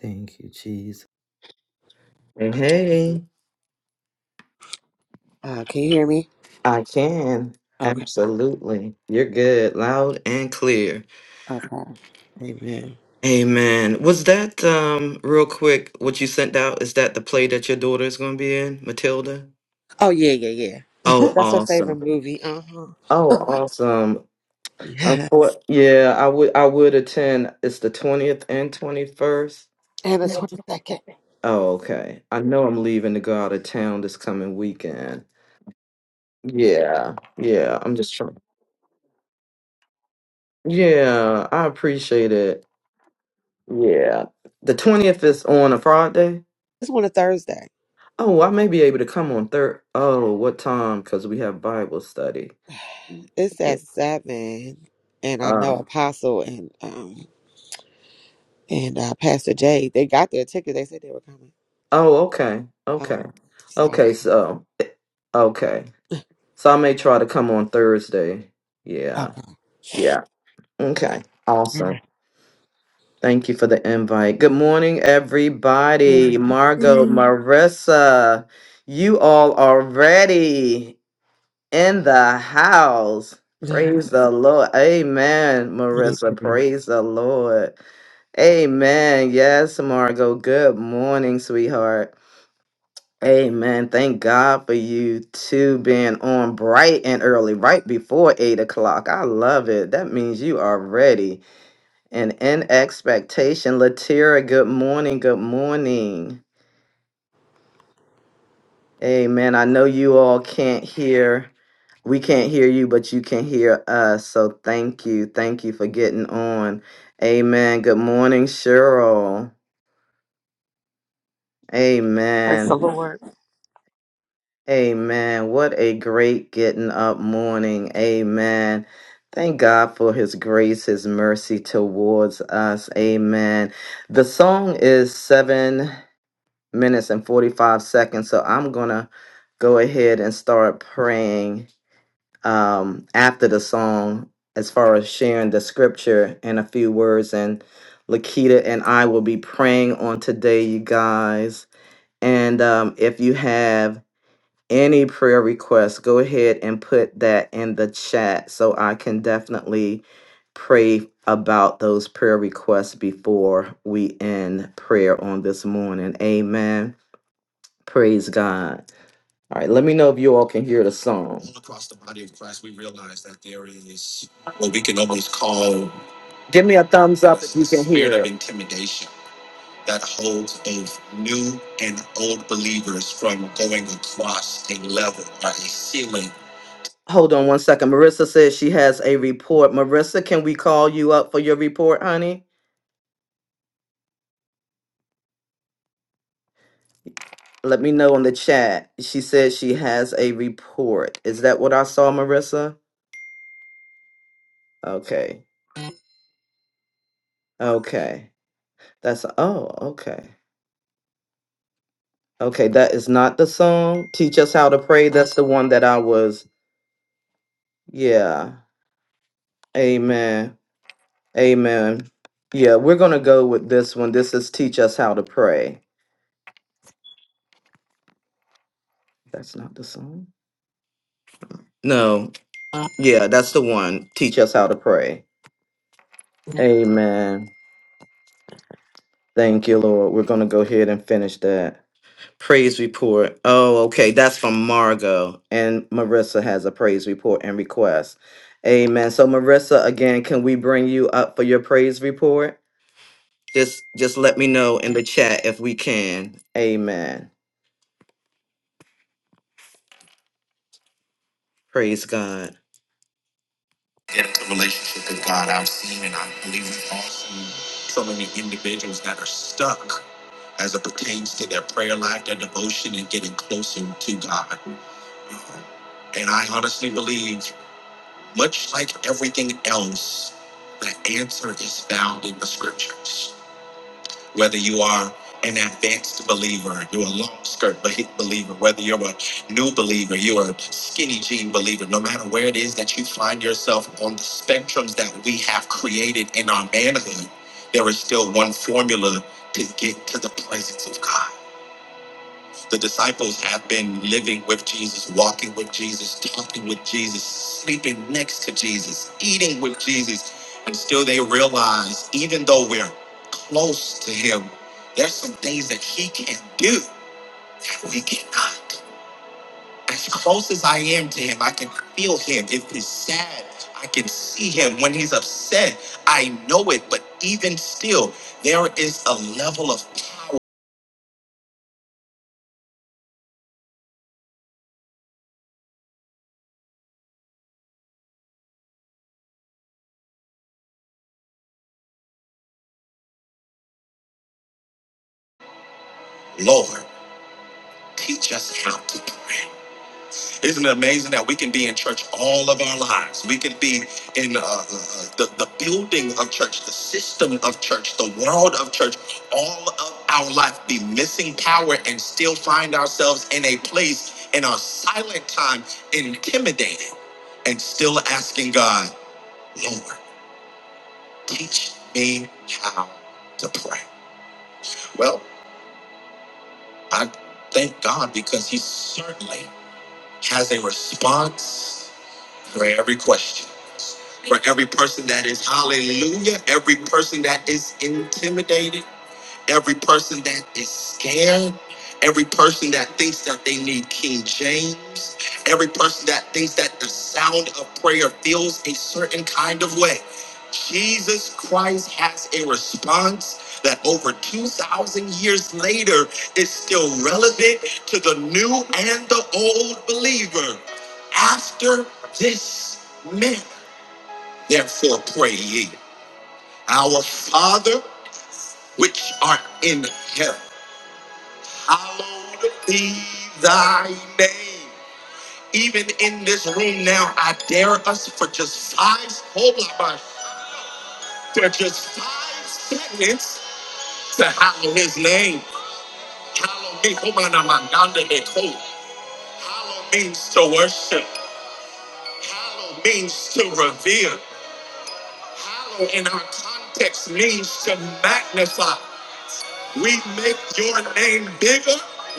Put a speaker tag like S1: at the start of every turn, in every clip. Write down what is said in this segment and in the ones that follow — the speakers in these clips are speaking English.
S1: Thank you, Jesus. Hey,
S2: Uh, can you hear me?
S1: I can.
S2: Okay.
S1: Absolutely. You're good. Loud and clear.
S2: Okay. Amen.
S1: Amen. Was that um real quick what you sent out? Is that the play that your daughter is gonna be in, Matilda?
S2: Oh yeah, yeah, yeah.
S1: Oh,
S2: That's her favorite
S1: awesome.
S2: movie. Uh huh.
S1: Oh, awesome. I
S2: Yes.
S1: thought, yeah, I would I would attend. It's the 20th and 21st.
S2: And it's on the second.
S1: Oh, okay. I know I'm leaving to go out of town this coming weekend. Yeah, yeah. I'm just trying. Yeah, I appreciate it. Yeah. The 20th is on a Friday.
S2: It's on a Thursday.
S1: Oh, I may be able to come on third. Oh, what time? Because we have Bible study.
S2: It's
S1: Yeah.
S2: at seven. And I
S1: Uh,
S2: know Apostle and um and uh, Pastor Jay, they got their ticket. They said they were coming.
S1: oh, okay. Okay.
S2: Um. So
S1: Okay, so, eh, okay. So I may try to come on Thursday. Yeah.
S2: okay.
S1: Yeah. Okay.
S2: All
S1: Awesome.
S2: right.
S1: Thank you for the invite. Good morning, everybody. Margot,
S2: Hallelujah.
S1: Marissa, you all are ready. in the house. Praise the Lord. Amen,
S2: Amen.
S1: Marissa. Praise the Lord. Amen. Yes, Margot. Good morning, sweetheart. Amen. Thank God for you two being on bright and early, right before eight o'clock. I love it. That means you are ready and in expectation. Latira, good morning. Good morning. Amen. I know you all can't hear. We can't hear you, but you can hear us. So thank you. Thank you for getting on. Amen. Good morning, Cheryl.
S3: Praise the
S1: Amen.
S3: Lord.
S1: Amen. What a great getting up morning. Amen. Thank God for his grace, his mercy towards us. Amen. The song is seven minutes and 45 seconds. So I'm going to go ahead and start praying um, after the song as far as sharing the scripture and a few words. And Lakita and I will be praying on today, you guys. And um, if you have any prayer requests, go ahead and put that in the chat so I can definitely pray about those prayer requests before we end prayer on this morning. Amen. Praise God. All right, let me know if you all can hear the song. Give me a thumbs Hold on one second. Marissa says she has a report. Marissa, can we call you up for your report, honey? Let me know in the chat. She says she has a report. Is that what I saw, Marissa? Okay. Okay. That's oh, okay. Okay, that is not the song. Teach us how to pray. That's the one that I was. Yeah. Amen. Amen. Yeah, we're going to go with this one. This is Teach Us How to Pray. That's not the song. No. Uh, Yeah, that's the one. Teach us how to pray. Amen. Thank you, Lord. We're going to go ahead and finish that. Praise report. Oh, okay. That's from Margot. And Marissa has a praise report and request. Amen. So Marissa, again, can we bring you up for your praise report? Just just let me know in the chat if we can. Amen. Praise God.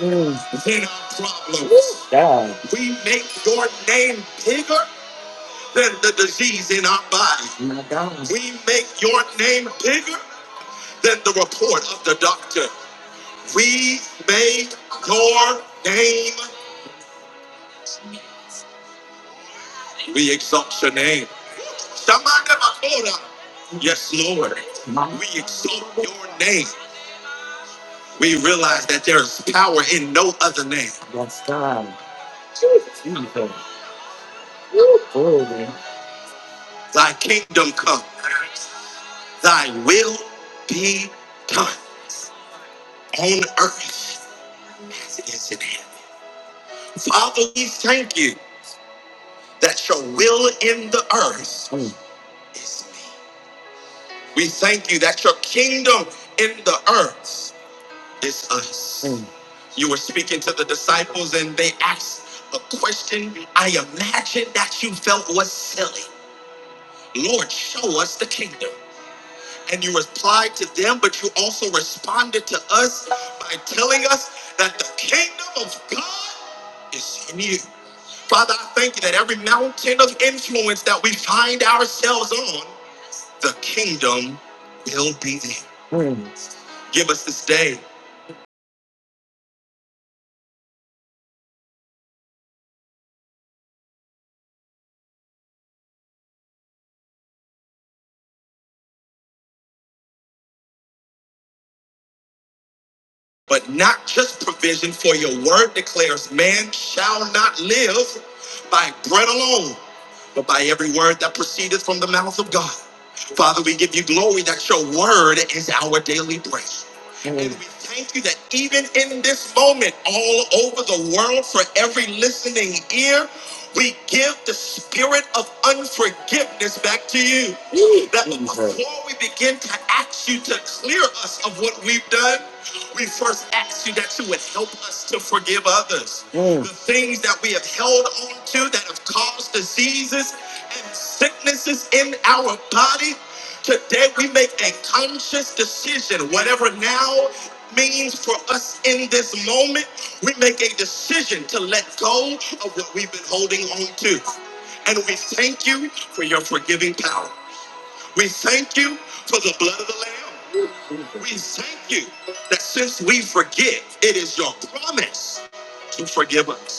S1: praise God. My God. We Yes, God. Jesus. Glory. Mm. And Mm.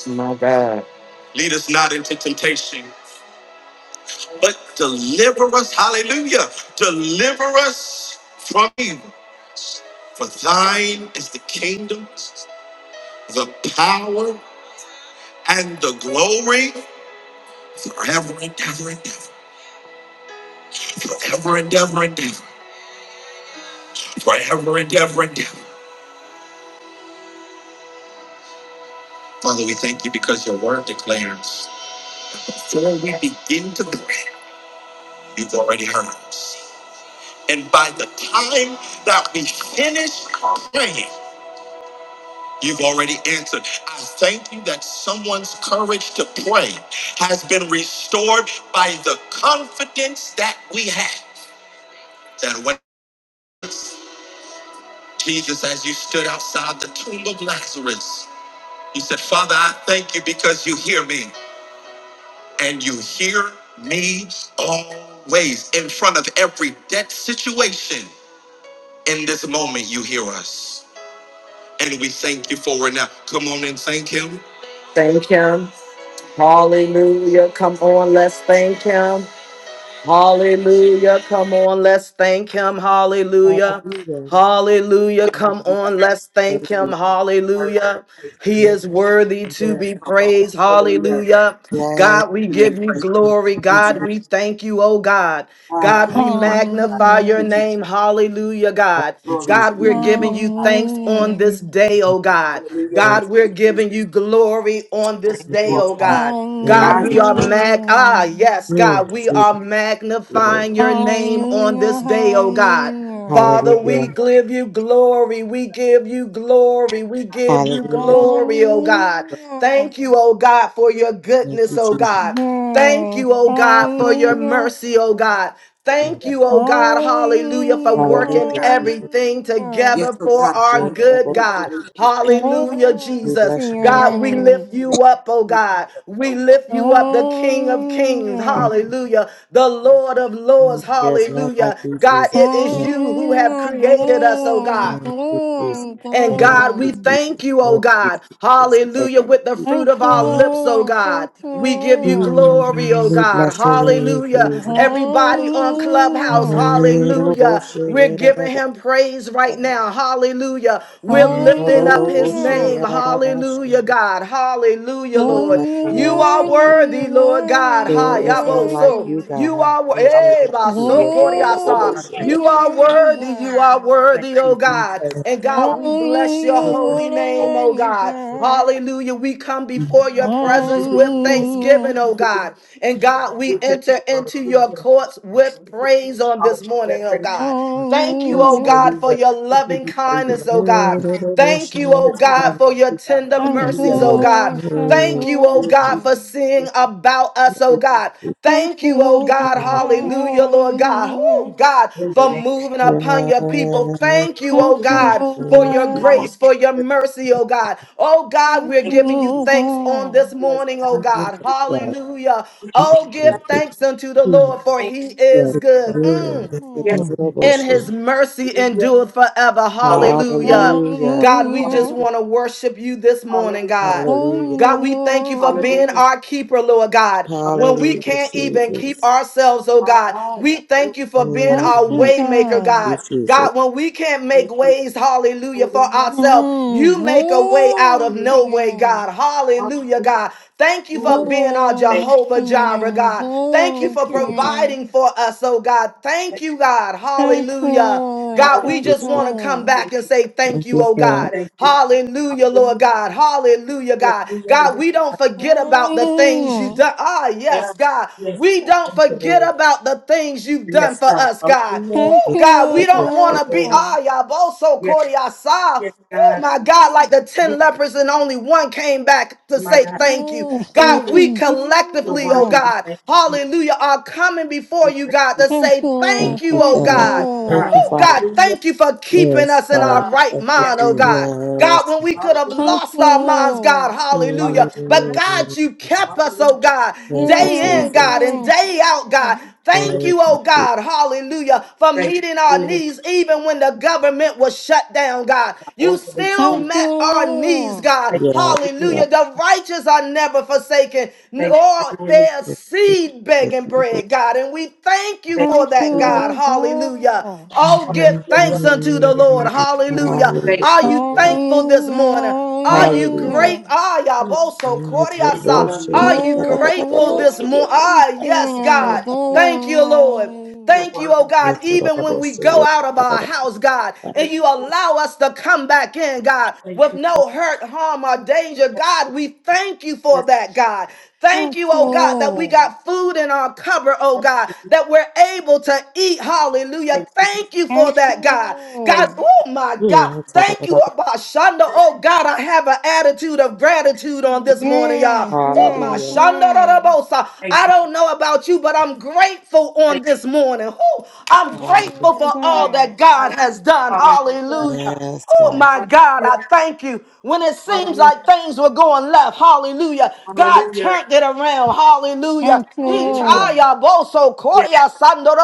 S1: My God. Thank him. Hallelujah. Come on, let's thank him. Hallelujah. Come on, let's thank him. Hallelujah.
S2: Hallelujah.
S1: Hallelujah. Come on, let's
S2: Thank
S1: thank him.
S2: you.
S1: Hallelujah.
S3: Yes,
S1: He is worthy to be
S3: all right.
S1: praised.
S3: Hallelujah.
S1: Hallelujah.
S2: Yes.
S1: God, we
S3: You may
S1: give you
S3: praise
S1: glory. God,
S3: God.
S1: we thank you, oh God.
S3: I
S1: God, we
S3: worship God. Thank
S1: magnify
S4: Hallelujah.
S1: your
S3: you, Jesus.
S1: name. Hallelujah, God.
S3: Glory
S1: God,
S2: Yes.
S3: to
S1: we're
S3: your name,
S1: giving
S3: Lord
S1: you thanks
S3: God.
S1: on
S4: Hallelujah.
S1: this day, oh God.
S3: Hallelujah.
S2: God,
S1: God,
S3: Thank
S1: we're
S3: you, Jesus.
S1: giving you glory on this
S3: Thank
S2: thank
S3: you,
S1: day,
S2: you,
S3: Lord
S1: oh
S3: God.
S2: Jesus.
S1: God.
S2: Thank
S1: God,
S3: I
S2: you,
S1: we are
S2: Jesus.
S1: mag ah
S4: Hallelujah.
S1: yes,
S2: Mm,
S1: God, we are
S2: Jesus, Lord.
S1: magnifying your name on
S4: Hallelujah.
S1: this day, oh God. Father, we
S2: Hallelujah.
S1: give you glory. We give you
S3: yes,
S1: glory. We
S3: God.
S1: give
S3: Thank
S4: Hallelujah.
S3: you,
S1: you
S3: Lord
S2: Hallelujah.
S3: God.
S1: glory, oh God.
S4: Hallelujah.
S1: Thank you, oh God, for your
S2: Thank
S1: goodness,
S2: you,
S1: oh
S2: Jesus.
S1: God. Thank
S4: Yes.
S1: you, oh God,
S2: Thank
S1: for your
S4: Hallelujah.
S1: mercy, oh
S3: Yes,
S1: God.
S3: hallelujah.
S2: you.
S1: Thank you, oh God, hallelujah, for
S4: Hallelujah.
S3: Yes,
S2: Hallelujah,
S1: working
S3: God.
S2: Jesus.
S1: everything thing
S4: Hallelujah.
S3: Yes,
S1: together
S3: oh
S1: for
S3: God.
S1: our
S3: I
S2: Yeah,
S3: am
S1: good,
S2: Lord.
S3: full of
S1: God.
S3: Thank you.
S1: Hallelujah,
S3: Lord.
S2: We
S4: Glory
S1: Jesus.
S4: to
S2: bless your
S4: your
S2: name.
S1: God, we
S2: God.
S4: name.
S1: lift
S3: You
S1: you
S3: make
S1: up, oh
S3: me even
S1: God. We
S3: oh God.
S1: lift you up, the King of Kings.
S5: Thank
S4: Hallelujah.
S1: Hallelujah. The Lord of Lords.
S2: Mm, There's none like
S1: Hallelujah.
S2: you,
S1: God,
S2: Jesus.
S1: it is
S5: you,
S1: you
S4: Hallelujah.
S1: who have created us, oh
S4: Glory,
S1: God.
S2: Thank you, Jesus.
S4: glory,
S1: And
S2: Thank you,
S1: God, we
S4: glory.
S2: Jesus.
S1: thank you, oh
S2: Thank you, Jesus.
S1: God.
S2: Thank you. Jesus.
S1: Hallelujah. With the fruit
S4: Thank
S1: of
S4: you,
S1: our
S5: Lord.
S1: lips, oh
S4: Lord. Thank
S1: God.
S4: you,
S1: We give you glory,
S2: Mm,
S1: oh
S2: We
S1: God.
S2: bless your name,
S4: Lord.
S1: Hallelujah.
S2: Jesus.
S1: Everybody on Clubhouse,
S4: Hallelujah.
S2: Mm, Lord, oh,
S1: hallelujah.
S2: shit,
S1: We're
S2: yeah, da, da,
S1: giving
S2: da,
S1: him praise right
S2: da.
S1: now. Hallelujah. We're
S2: Mm, Lord,
S1: lifting
S2: oh,
S1: up
S2: Lord, oh,
S1: his
S2: shit,
S4: Hallelujah.
S1: name.
S2: yeah, da, da, da, da.
S1: Hallelujah, God. Hallelujah,
S2: We
S4: Oh,
S1: Lord.
S2: bless
S4: you
S2: your
S1: You
S2: name,
S1: are
S2: Jesus.
S4: warning, you
S1: worthy, Lord God.
S4: warning, you
S1: Ha,
S2: There is
S1: yabo,
S2: none like
S1: so.
S2: you,
S4: warning.
S1: You you
S2: God.
S1: are wo-
S2: There is none
S3: Hallelujah.
S1: eh,
S2: like you. Yes, oh, oh, oh, oh, oh,
S1: basokoriasa.
S4: Glory
S3: Not
S4: to
S3: like
S2: yes.
S1: You
S3: you,
S4: your
S1: are
S3: God.
S4: name,
S1: worthy. You are
S4: God.
S3: Thank
S1: worthy, oh
S3: you,
S1: God.
S3: Jesus.
S1: And God,
S3: I
S1: we bless your
S4: Hallelujah,
S3: worship.
S1: holy
S4: what a
S1: name,
S3: you.
S1: oh
S4: mighty
S1: God.
S4: God.
S1: Hallelujah. We come before your
S3: Hallelujah. We give you
S1: presence
S3: the
S1: with
S3: glory.
S4: Hallelujah.
S1: thanksgiving, oh God. And God,
S3: We
S1: we
S3: thank
S1: enter
S3: you, Lord
S1: into your
S3: Jesus.
S1: courts with praise on this
S3: Hallelujah.
S1: morning, oh
S3: Thank you,
S1: God. Thank you,
S2: oh,
S1: oh
S4: Hallelujah.
S1: God, for
S3: hallelujah.
S1: your
S3: We give
S1: loving
S3: you praise and
S1: kindness, oh
S2: oh, oh,
S1: God.
S2: oh,
S1: Thank you,
S3: honor.
S1: oh
S3: There's
S1: God,
S3: none
S1: for
S3: like
S1: your
S3: you, God.
S1: tender
S4: Thank
S5: Thank
S4: you,
S5: you,
S1: mercies,
S3: Hallelujah.
S1: oh
S5: Lord.
S1: God.
S4: Lord. Thank you,
S1: Thank you, oh
S3: Lord
S1: God,
S3: Jesus,
S4: Lord.
S1: for seeing
S3: yes,
S1: about
S3: thank
S1: us, oh
S3: you.
S1: God.
S4: Thank
S1: Thank
S4: you,
S1: you, oh
S4: Lord
S1: God,
S4: God.
S3: Thank
S1: hallelujah, Lord God.
S4: Hallelujah.
S1: Oh God,
S3: you in the
S1: for
S3: name
S1: moving upon your people.
S3: of
S1: Thank you,
S4: Thank
S1: oh
S3: Jesus.
S4: you,
S1: God, for your
S3: God,
S4: Lord.
S1: grace, for your
S3: yes,
S1: mercy, oh God. Oh God,
S4: Thank
S1: we're
S3: Thank
S4: you,
S1: giving
S3: you,
S1: you
S3: Jesus.
S1: thanks on
S4: Lord.
S1: this
S3: Yes,
S1: morning, oh
S3: God.
S2: oh, yes,
S1: God.
S2: oh, God. Mm, Yes, God.
S1: Hallelujah.
S2: Thank
S1: Oh, give
S3: Yes,
S2: you,
S1: thanks unto the Lord, for
S3: Thank you.
S1: he is
S5: Yes, God.
S1: good. Mm
S2: Jesus. Yes, God. Hallelujah. It's good. Yes,
S3: Yes,
S2: oh, oh,
S4: Mm.
S2: oh,
S3: thank
S1: and
S2: oh, yes.
S1: his mercy endureth forever.
S3: Hallelujah.
S1: Hallelujah.
S2: Hallelujah.
S1: God, we just
S4: Hallelujah.
S3: Hallelujah.
S1: want to worship you this morning,
S3: Hallelujah.
S1: God.
S2: Hallelujah.
S1: God, we thank you for
S3: Hallelujah.
S1: being
S4: Hallelujah.
S1: our keeper, Lord God.
S3: Hallelujah.
S1: When we
S3: Hallelujah.
S2: Hallelujah,
S1: can't even keep
S2: Jesus.
S1: ourselves, oh God, we
S3: Hallelujah. Oh,
S1: thank you for being
S4: Thank
S1: our
S4: you,
S2: Mm,
S3: thank
S1: way maker,
S4: God.
S1: God.
S2: Jesus.
S1: God, when we can't
S3: you.
S1: make
S3: Thank you.
S1: ways, hallelujah, for
S3: Hallelujah.
S1: ourselves,
S4: Mm.
S1: you make a way out of
S4: Glory to
S3: Hallelujah.
S1: no
S4: your
S1: way,
S4: name.
S1: God. Hallelujah, God. Thank you for
S3: Hallelujah.
S1: being our
S4: Glory to
S1: Jehovah
S4: your
S1: Jireh,
S4: name.
S1: God. Thank you
S3: Thank
S4: Glory
S1: for
S4: to
S3: you,
S4: your
S2: Jesus.
S3: Jesus.
S1: providing
S4: name.
S1: for us, oh God. Thank
S3: Thank you,
S1: you, God.
S4: Thank you,
S1: Hallelujah.
S4: Lord.
S1: God,
S3: God.
S1: we
S4: Thank
S1: just
S4: you,
S2: Jesus.
S1: want to come
S4: Lord.
S3: Thank
S1: back and
S3: you.
S1: say thank
S5: Thank
S1: you,
S5: you,
S1: oh
S5: God.
S1: God.
S3: Thank you.
S1: Hallelujah, Lord
S3: Hallelujah.
S1: God. Hallelujah, God. God, we don't
S3: Hallelujah.
S1: forget about the things you've
S4: Hallelujah.
S1: done. Ah, yes,
S3: Yes,
S1: God. We
S3: God.
S1: don't
S3: Thank you, God. Yes, God. Thank you,
S1: forget
S3: Lord.
S1: about the things you've done
S3: Yes,
S1: for
S3: God.
S1: us, God.
S3: Hallelujah.
S4: Thank
S1: Oh, God,
S3: To
S4: you,
S1: we
S3: God
S1: don't
S3: be
S2: Jesus.
S1: want
S3: the
S1: to be,
S3: glory.
S4: God.
S1: ah, yaboso
S3: Yes,
S1: koriasa.
S3: yes,
S1: Oh
S3: God.
S1: my God, like
S4: Mm.
S1: the 10
S3: Yes,
S1: lepers and only one came back to
S3: my
S1: say
S3: God.
S1: thank you.
S4: Oh,
S1: God,
S4: thank
S3: Mm,
S1: we
S4: you,
S3: You're
S1: collectively, oh
S3: worthy.
S4: Jesus.
S3: We
S1: God,
S3: thank you, Jesus.
S1: hallelujah, are coming before
S3: We
S1: you,
S3: thank
S1: God,
S3: you.
S1: to
S4: Thank
S1: say thank
S5: Thank
S4: you,
S1: you,
S5: you,
S4: thank
S1: oh
S5: God.
S3: Yes,
S1: God.
S3: God.
S2: Thank you,
S4: you,
S1: Oh,
S2: Father.
S1: God,
S3: Hallelujah.
S1: thank you for keeping
S5: Yes,
S1: us in our
S5: God.
S3: Ah,
S1: right
S5: Thank you,
S3: yes.
S1: mind, oh
S5: Jesus.
S1: God.
S2: Yes.
S1: God, when we could have
S3: Hallelujah.
S4: thank
S1: lost our minds, God,
S4: you.
S1: hallelujah. But
S3: Hallelujah.
S1: God,
S2: Mm.
S1: you kept us,
S3: Hallelujah.
S1: oh God,
S2: Thank you,
S1: day
S4: Yeah,
S1: in,
S2: Jesus.
S1: God, and
S4: yeah,
S1: day out,
S4: yeah.
S1: God.
S3: Yes,
S1: Thank
S2: Thank
S1: you,
S2: you,
S1: oh
S2: Jesus.
S1: God, hallelujah, for
S3: thank
S1: meeting
S3: you
S1: our
S3: for doing it.
S1: needs even when the government was shut down, God.
S3: God.
S1: You
S3: Lord, for this
S1: still
S3: thing.
S4: Thank
S1: met our needs,
S4: you,
S1: God,
S3: Thank
S2: Yeah,
S3: you for doing
S2: yeah.
S3: it.
S1: hallelujah. The righteous are never forsaken,
S3: Thank you for
S1: nor
S3: doing it.
S1: their
S2: Yes, yes,
S1: seed
S2: yes,
S1: begging
S2: yes.
S1: bread, God. And we thank you
S3: Thank you
S1: for
S4: thank
S3: for
S1: that,
S3: doing it.
S1: God,
S4: you,
S1: hallelujah.
S4: God.
S1: Oh,
S3: Hallelujah.
S1: give
S2: Hallelujah.
S1: thanks unto the
S3: Yes.
S1: Lord. Hallelujah.
S3: Thank you
S1: Are
S2: Hallelujah.
S1: you
S3: thank you.
S1: thankful this
S4: Hallelujah,
S1: morning?
S3: Thank
S1: Are you
S3: you.
S2: Hallelujah.
S1: great?
S4: hallelujah.
S1: Ah,
S3: Jesus.
S1: Yaboso Kordiasa.
S3: Hallelujah.
S2: Yetoroboshe,
S1: Are you
S3: Yes.
S4: Glory,
S3: God. Thank,
S1: grateful
S3: you,
S1: this
S2: yetaraboshe,
S1: morning?
S4: glory
S1: Ah,
S4: to your
S1: yes,
S4: name,
S3: thank
S1: God.
S2: yetaraboshe,
S3: you. Jesus.
S1: Thank
S4: glory,
S1: you, Lord.
S3: You're
S4: hallelujah.
S1: Thank you,
S3: worthy.
S1: oh
S3: Thank, you,
S1: God, even when we go
S2: yetaraboshe,
S1: out of our
S2: yetaraboshe.
S1: house, God, and
S3: thank
S1: you
S3: you. Jesus.
S1: allow us to come back in, God,
S3: Thank
S1: with
S3: you. Jesus.
S1: no hurt, harm, or danger.
S3: Thank
S1: God, we thank you
S3: you.
S1: for
S3: Yes.
S1: that, God. Thank
S4: Thank
S1: you, oh
S3: Thank
S1: God, that
S3: you. Jesus.
S1: we
S4: you,
S1: got food in our cupboard, oh God.
S3: Thank
S1: God,
S3: you. Jesus.
S1: that we're able to eat. Hallelujah.
S3: Thank you. Jesus.
S1: Thank you for
S4: thank
S1: that, God.
S3: Thank
S1: God,
S4: you.
S1: oh my
S2: You
S1: God.
S2: are
S1: Thank you,
S2: taraboshe.
S1: Abashanda.
S3: you. Thank you.
S1: Oh God, I have an attitude of gratitude on this morning, y'all.
S4: Yeah,
S1: Oh my
S4: yeah,
S2: Hallelujah.
S1: Shanda
S4: yeah.
S1: Rabosa.
S3: Thank
S1: I
S3: you. Thank you.
S1: don't know about you, but I'm grateful on this morning. Oh, I'm
S4: Thank
S2: Hallelujah.
S1: grateful
S4: you,
S1: for all that
S4: God.
S1: God has done.
S3: Hallelujah.
S1: Hallelujah.
S2: Yes,
S1: Oh my
S2: God.
S1: God, I
S3: Hallelujah.
S1: thank you. When it
S3: Hallelujah.
S1: seems
S3: Hallelujah.
S1: like things were going left, hallelujah. God
S3: Hallelujah.
S1: turned it around, hallelujah.
S4: Thank
S1: He
S3: Hallelujah.
S4: you.
S1: taya boso
S3: Yes.
S1: koria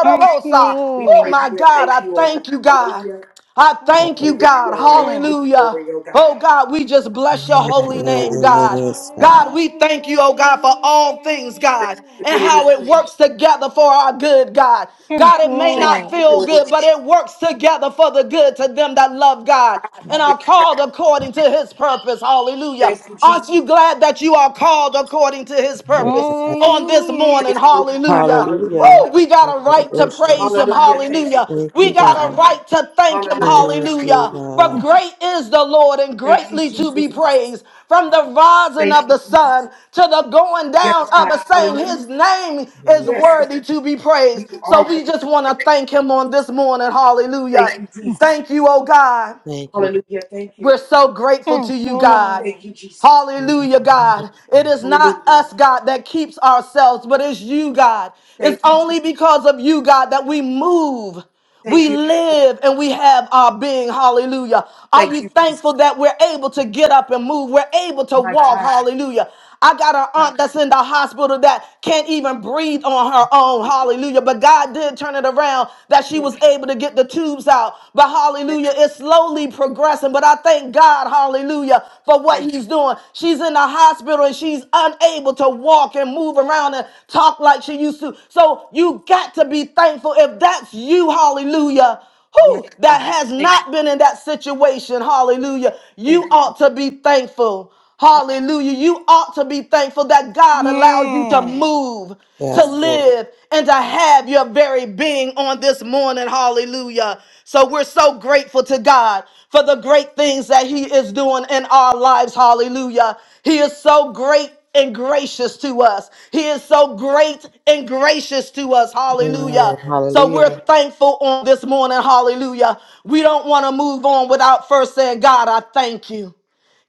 S4: Thank you,
S3: We
S1: Oh
S3: praise
S4: Lord.
S1: my
S3: you and
S1: God,
S3: thank
S1: I
S3: you, oh God.
S1: thank you, God.
S3: Hallelujah.
S1: I thank you,
S3: You get the
S1: God,
S3: honor. You get the
S4: Hallelujah.
S1: hallelujah.
S3: glory, oh
S1: Oh
S3: God.
S1: God, we just bless your
S3: Thank
S1: holy
S3: you for
S1: name,
S3: doing it. Jesus.
S1: God.
S2: Yes, God.
S1: God, we
S4: Hallelujah.
S1: thank you, oh God, for all things,
S3: Thank
S1: God,
S3: you
S4: Hallelujah.
S1: and
S3: for doing it.
S1: how it
S3: Jesus.
S1: works together for our good, God.
S4: Thank
S1: God,
S4: you,
S1: it may
S3: Thank
S1: not
S3: you
S4: Lord.
S3: for
S1: feel
S3: doing it.
S1: good, but it works together for the good to them that love God and
S3: Yes,
S1: are
S3: God.
S1: called according to his purpose. Hallelujah.
S3: Thank you, Jesus.
S1: Aren't you glad that you are called according to his
S2: Yes.
S1: purpose on this
S4: Hallelujah.
S1: morning?
S3: Thank you, oh God.
S1: Hallelujah.
S3: Hallelujah.
S2: Hallelujah.
S1: Woo, we we got a right to praise him.
S3: Hallelujah. Thank
S1: Hallelujah.
S3: you.
S2: Thank
S1: We
S2: you,
S1: got a
S2: God.
S1: right to thank him.
S3: Hallelujah.
S2: Thank
S3: Thank you,
S2: you,
S3: Jesus.
S1: Hallelujah. For
S2: God.
S1: great is the Lord and
S3: Thank you,
S1: greatly to
S3: Jesus.
S1: be praised. From the rising
S3: Thank
S1: of
S3: you,
S1: the
S3: Jesus.
S1: sun to the going
S3: Yes,
S1: down of
S3: God.
S1: the same,
S3: Hallelujah.
S1: his name is
S3: Yes, God.
S1: worthy to be praised.
S3: you are
S1: So we just
S3: worthy.
S1: want to thank him on this morning.
S3: Thank
S1: Hallelujah.
S3: you, Jesus.
S1: Thank you, oh God.
S2: Thank you,
S3: Hallelujah. Thank you.
S1: We're so grateful to
S4: Thank you,
S1: you, God.
S4: Lord.
S3: Thank you, Jesus.
S1: Hallelujah,
S2: God.
S1: God. It is not
S3: Hallelujah.
S1: us, God, that keeps ourselves, but it's you, God. It's
S3: Thank you, Jesus.
S1: only because of you, God, that we move. We
S3: Thank you.
S1: live and we have our being. Hallelujah. Are
S3: Thank
S1: you
S3: you, Jesus.
S1: thankful that we're able to get up and move? We're able to
S3: My
S1: walk.
S3: God.
S1: Hallelujah. I got
S3: My
S1: an
S3: God.
S1: aunt that's in the hospital that can't even breathe on her own. Hallelujah. But God did turn it around that she
S3: Thank you.
S1: was able to get the tubes out. But
S3: Thank you.
S1: hallelujah, it's slowly progressing. But I thank God, hallelujah, for what
S3: Thank
S1: He's doing. She's in the hospital and she's unable to walk and move around and talk like she used to. So you got to be thankful if that's you, hallelujah
S3: you. Yes,
S1: who that
S3: God.
S1: has
S3: Thank you.
S1: not been in that situation hallelujah you
S3: Thank
S1: ought to be thankful Hallelujah. You ought to be thankful that God allows you to
S4: Yeah.
S1: move, to
S2: Yes, Lord.
S1: live, and to have your very being on this morning. Hallelujah. So we're so grateful to God for the great things that He is doing in our lives. Hallelujah. He is so great and gracious to us. He is so great and gracious to us. Hallelujah.
S2: Amen.
S1: So we're
S2: Hallelujah.
S1: thankful on this morning. Hallelujah. We don't want to move on without first saying, God, I thank you.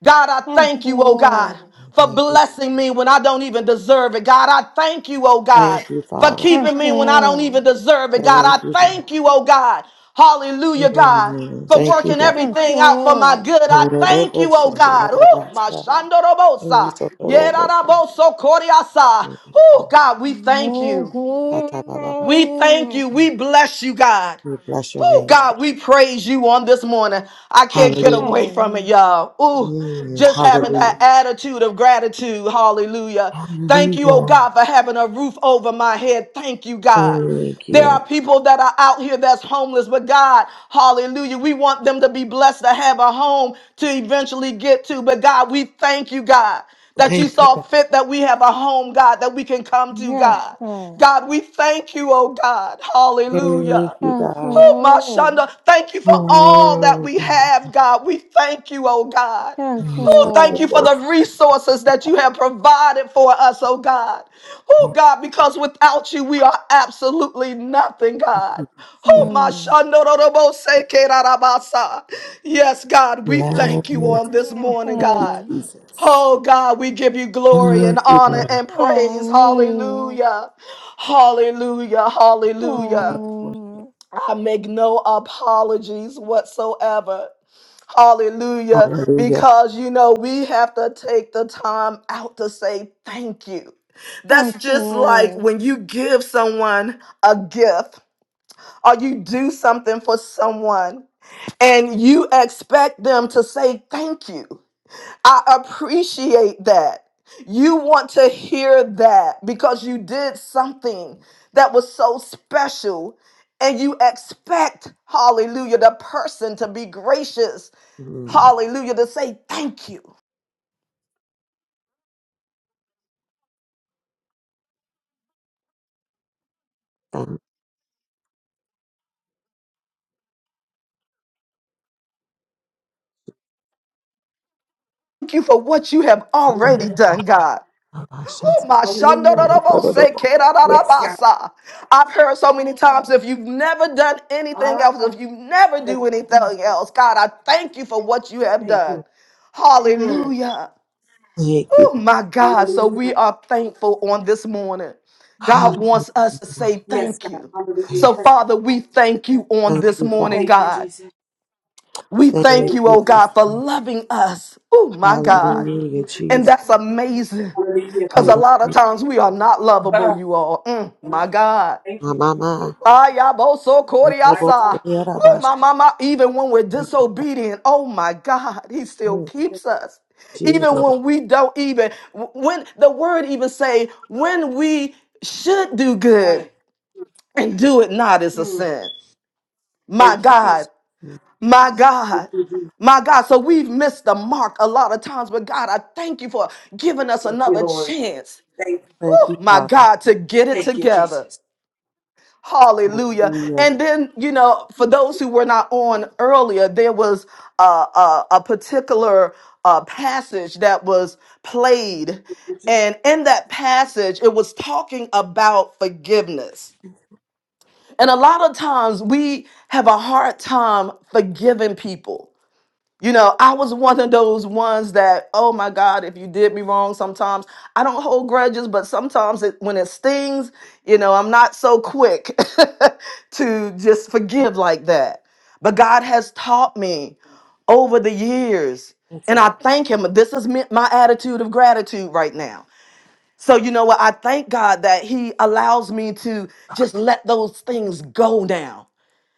S1: God, I
S4: Thank
S1: thank
S4: you,
S1: you, oh God,
S4: Lord.
S1: for
S2: Thank you.
S1: blessing me when I don't even deserve it. God, I thank you, oh God,
S2: Thank you,
S1: for
S2: Father.
S4: Thank
S1: keeping
S4: you,
S1: me when I don't
S4: Lord.
S1: even deserve it. God,
S2: Thank
S1: I
S2: you, God.
S1: thank you, oh God. Hallelujah, God,
S2: Mm,
S1: for
S2: Thank you,
S1: working
S2: God.
S4: Thank you,
S1: everything out for my
S4: Lord.
S1: good. I thank you,
S2: Hororoboshe,
S1: oh God. Ooh, my
S2: yorobabasha. Mm,
S1: shandorobosa.
S2: yitotoroboshe.
S1: Yeraraboso koriasa.
S2: Mm,
S1: Oh God, we thank
S4: Oh,
S1: you.
S2: atabababa.
S1: We thank
S4: glory. Hallelujah.
S1: you. We bless you, God.
S2: We bless your
S1: Oh
S2: name.
S1: God, we praise you on this morning. I can't get
S2: Hallelujah.
S1: away from it,
S4: Hallelujah.
S1: y'all. Ooh,
S2: Mm,
S1: just having
S2: Hallelujah.
S1: that attitude of gratitude. Hallelujah. Thank you, oh
S2: Hallelujah.
S1: God, for having a roof over my head. Thank you, God.
S2: Thank
S1: There
S2: you.
S1: are people that are out here that's homeless, but God, hallelujah, we want them to be blessed to have a home to eventually get to. But God, we thank you, God, that you
S2: Thank you,
S1: saw
S2: God.
S1: fit that we have a home, God, that we can come to,
S4: Yes,
S1: God.
S4: God.
S1: God, we thank you, oh God.
S2: Thank
S1: Hallelujah.
S2: you,
S4: Thank you,
S2: God.
S1: Oh, my
S4: Lord.
S1: Shonda, thank you for all that
S2: Oh,
S1: we
S2: God.
S1: have, God. We thank you, oh God.
S4: Thank you,
S2: Yes, I
S1: Oh, thank
S2: give a
S1: you
S4: Lord.
S1: for the
S2: voice.
S1: resources that you have provided for us, oh God. Oh,
S2: Thank
S1: God, because without you, we are absolutely nothing, God.
S2: you.
S1: Oh, my
S4: Mm.
S1: Shandorobose Yes, God, we thank
S2: Thank
S1: you
S2: you. Thank
S1: on this
S4: Yes,
S1: morning,
S2: you,
S1: God.
S4: Lord.
S2: Jesus.
S1: Oh God, we give you
S2: Thank
S1: glory and
S2: you,
S1: honor
S2: God.
S1: and praise.
S4: Hallelujah.
S1: Hallelujah. Hallelujah. Hallelujah.
S4: Hallelujah.
S1: I make no apologies whatsoever. Hallelujah.
S2: Hallelujah.
S1: Because you know, we have to take the time out to say thank you. That's
S4: Thank you.
S1: just like
S4: Lord.
S1: when you give someone a gift or you do something for someone and you expect them to say thank you. I appreciate that. You want to hear that because you did something that was so special and you expect, hallelujah, the person to be gracious,
S2: Mm.
S1: hallelujah, to say thank you.
S2: Thank you.
S1: Thank you for what you have
S3: you.
S2: Thank
S1: already
S3: Hallelujah.
S1: done, God.
S2: you.
S1: Oh, my
S3: Hallelujah.
S1: shandorobose
S3: Yes, God.
S1: kerarabasa. I've heard so many times if you've never done anything else,
S3: Ah,
S1: if you never
S3: thank
S1: do
S3: you,
S1: anything
S3: Jesus.
S1: else, God, I thank you for what you have
S3: Thank
S1: done.
S3: you. Mm.
S1: Hallelujah. Oh my God. So we
S3: Hallelujah.
S1: are thankful on this morning. God
S3: Mm.
S2: Hallelujah.
S1: wants us to say
S3: Yes,
S1: thank
S3: God.
S1: you.
S3: Hallelujah.
S1: So,
S2: Thank
S3: Thank,
S1: Father, we thank you on
S2: thank
S1: this
S2: you, God.
S1: morning,
S3: thank you,
S1: God.
S3: Jesus.
S1: We thank
S2: Thank
S3: Thank
S1: you,
S3: you,
S2: you,
S1: oh
S2: God.
S1: God,
S3: Jesus.
S1: for loving us. Oh my God.
S2: Hallelujah,
S3: Mm.
S1: And
S2: Jesus.
S1: that's amazing.
S3: Hallelujah.
S1: Because a
S3: Thank
S2: Hold
S3: you.
S1: lot of
S2: on.
S1: times we are not lovable,
S3: God.
S1: you all. Mm, my God.
S3: Thank you, Jesus.
S2: Mama.
S1: Ayaboso
S3: My God.
S1: Koriasa. Oh, my mama, even when we're disobedient, oh my God, he still keeps us. Even
S2: Jesus.
S1: when we don't even, when the word even say, when we should do good
S3: God.
S1: and do it not is a
S3: Mm.
S1: sin. My
S3: Thank you,
S1: God,
S3: Jesus.
S2: We
S1: my
S3: Thank
S1: God,
S3: you, Jesus.
S1: my God. So we've missed the mark a lot of times, but God, I thank you for giving us
S3: Thank you,
S1: another
S3: Lord.
S1: chance.
S3: Thank,
S2: Thank
S1: Oh
S2: you,
S1: my
S2: Father.
S1: God, to get it
S3: thank you,
S1: together.
S3: Jesus.
S1: Hallelujah.
S2: Hallelujah.
S1: And then, you know, for those who were not on earlier, there was uh, a, a particular uh, passage that was played. And in that passage, it was talking about forgiveness. And a lot of times we have a hard time forgiving people. You know, I was one of those ones that, oh my God, if you did me wrong, sometimes I don't hold grudges, but sometimes it, when it stings, you know, I'm not so quick to just forgive like that. But God has taught me over the years,
S2: That's
S1: and
S2: all.
S1: I thank Him. This is me, my attitude of gratitude right now. So, you know what? I thank God that He allows me to just let those things go now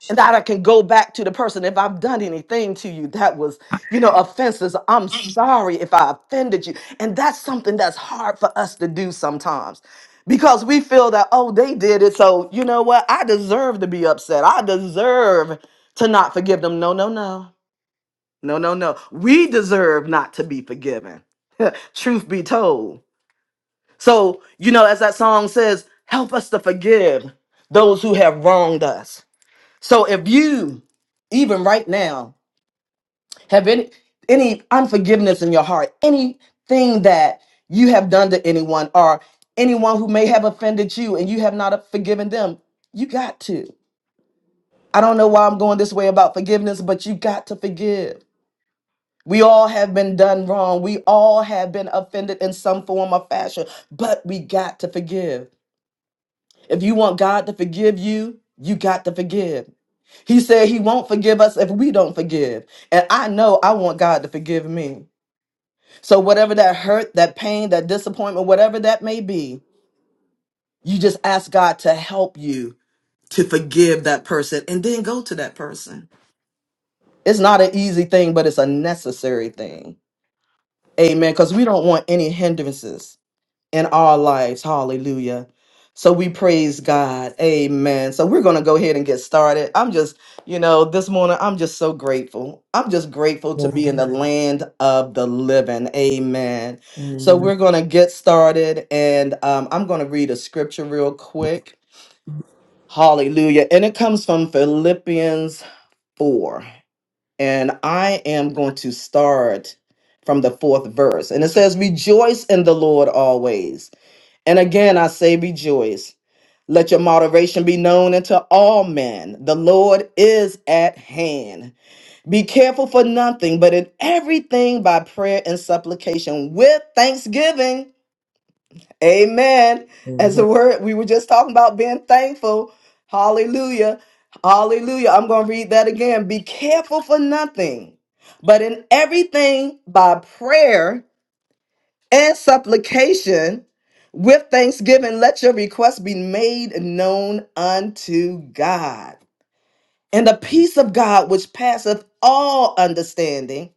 S1: and that I can go back to the person if I've done anything to you that was, you know, offenses. I'm sorry if I offended you. And that's something that's hard for us to do sometimes because we feel that, oh, they did it. So, you know what? I deserve to be upset. I deserve to not forgive them. No, no, no. No, no, no. We deserve not to be forgiven. Truth be told. So, you know, as that song says, help us to forgive those who have wronged us so if you, even right now, have any any unforgiveness in your heart, anything that you have done to anyone or anyone who may have offended you and you have not forgiven them, you got to. I don't know why I'm going this way about forgiveness, but you got to forgive. We all have been done wrong. We all have been offended in some form or fashion, but we got to forgive. If you want God to forgive you, you got to forgive. He said he won't forgive us if we don't forgive. And I know I want God to forgive me. So, whatever that hurt, that pain, that disappointment, whatever that may be, you just ask God to help you to forgive that person and then go to that person. It's not an easy thing, but it's a necessary thing. Amen. Because we don't want any hindrances. in our lives. Hallelujah. So we praise God. Amen. So we're going to go ahead and get started. I'm just, you know, this morning, I'm just so grateful. I'm just grateful to be in
S2: Amen.
S1: the land of the living. Amen. So
S2: Amen.
S1: we're going to get started and um, I'm going to read a scripture real quick. Hallelujah. And it comes from Philippians 4. And I am going to start from the fourth verse. And it says, Rejoice in the Lord always. And again, I say rejoice. Let your moderation be known unto all men. The Lord is at hand. Be careful for nothing, but in everything by prayer and supplication with thanksgiving. Amen. As the
S2: Amen.
S1: word we were just talking about being thankful. Hallelujah. Hallelujah. I'm going to read that again. Be careful for nothing, but in everything by prayer and supplication with thanksgiving let your requests be made known unto god and the peace of god which passeth all understanding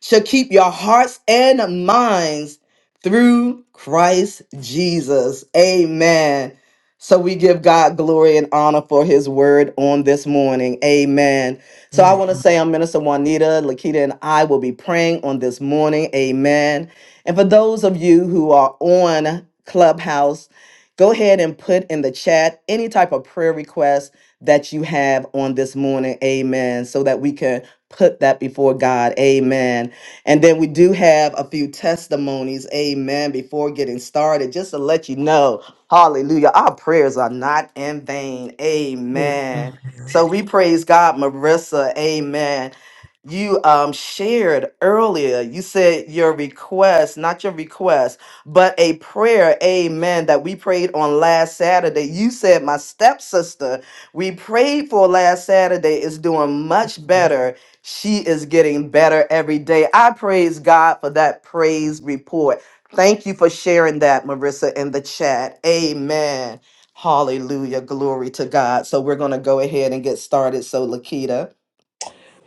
S1: shall keep your hearts and minds through Christ Jesus. Amen. So we give God glory and honor for his word on this morning. Amen. So I
S2: Amen.
S1: want to say I'm Minister Juanita, Lakita, and I will be praying on this morning. Amen. And for those of you who are on Clubhouse, go ahead and put in the chat any type of prayer request that you have on this morning. Amen. So that we can put that before God. Amen. And then we do have a few testimonies, amen, before getting started, just to let you know, hallelujah, our prayers are not in vain, amen. So we praise God, Marissa, amen. You um, shared earlier, you said your request, not your request, but a prayer, amen, that we prayed on last Saturday. You said, My stepsister, we prayed for last Saturday, is doing much
S2: Amen.
S1: better she is getting better every day. I praise God for that praise report. Thank you for sharing that, Marissa, in the chat. Amen. Hallelujah. Glory to God. So we're going to go ahead and get started. So, Lakita.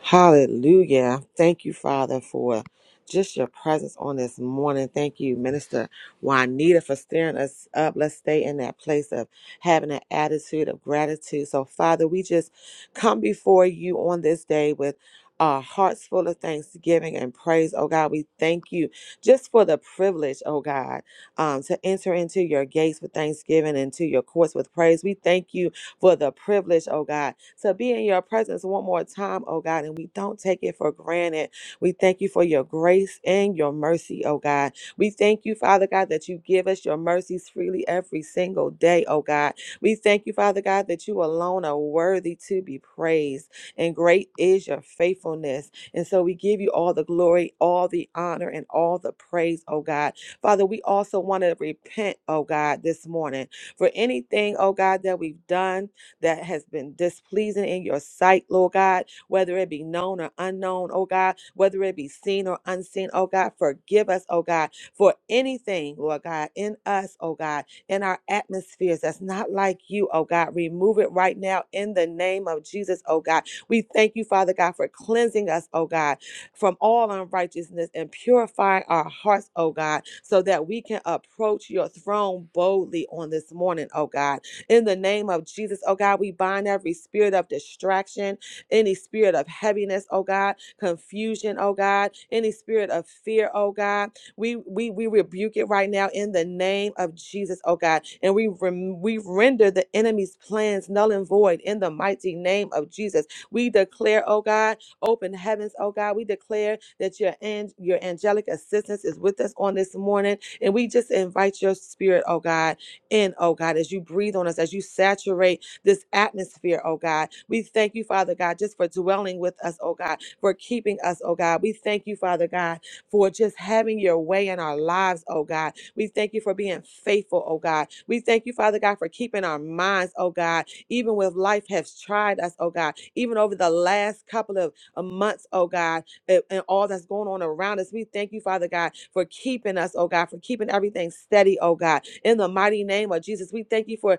S2: Hallelujah. Thank you, Father, for just your presence on this morning. Thank you, Minister Juanita, for stirring us up. Let's stay in that place of having an attitude of gratitude. So, Father, we just come before you on this day with our hearts full of thanksgiving and praise. Oh God, we thank you just for the privilege, oh God, um, to enter into your gates with thanksgiving and to your courts with praise. We thank you for the privilege, oh God, to be in your presence one more time, oh God. And we don't take it for granted. We thank you for your grace and your mercy, oh God. We thank you, Father God, that you give us your mercies freely every single day, oh God. We thank you, Father God, that you alone are worthy to be praised. And great is your faithfulness. And so we give you all the glory, all the honor, and all the praise, oh God. Father, we also want to repent, oh God, this morning for anything, oh God, that we've done that has been displeasing in your sight, Lord God, whether it be known or unknown, oh God, whether it be seen or unseen, oh God, forgive us, oh God, for anything, Lord God, in us, oh God, in our atmospheres that's not like you, oh God. Remove it right now in the name of Jesus, oh God. We thank you, Father God, for cleansing us, oh God, from all unrighteousness and purifying our hearts, oh God, so that we can approach your throne boldly on this morning, oh God. In the name of Jesus, oh God, we bind every spirit of distraction, any spirit of heaviness, oh God, confusion, oh God, any spirit of fear, oh God. We we we rebuke it right now in the name of Jesus, oh God, and we rem- we render the enemy's plans null and void in the mighty name of Jesus. We declare, oh God, open heavens, oh God. We declare that your an- your angelic assistance is with us on this morning, and we just invite your spirit, oh God in, oh God, as you breathe on us, as you saturate this atmosphere, oh God. We thank you, Father God, just for dwelling with us, oh God, for keeping us, oh God. We thank you, Father God, for just having your way in our lives, oh God. We thank you for being faithful, oh God. We thank you, Father God, for keeping our minds, oh God, even when life has tried us, oh God, even over the last couple of uh, months, oh God and, and all that's going on around us. We thank you, Father God, for keeping us, oh God, for keeping everything steady, oh God. In the mighty name of Jesus, we thank you for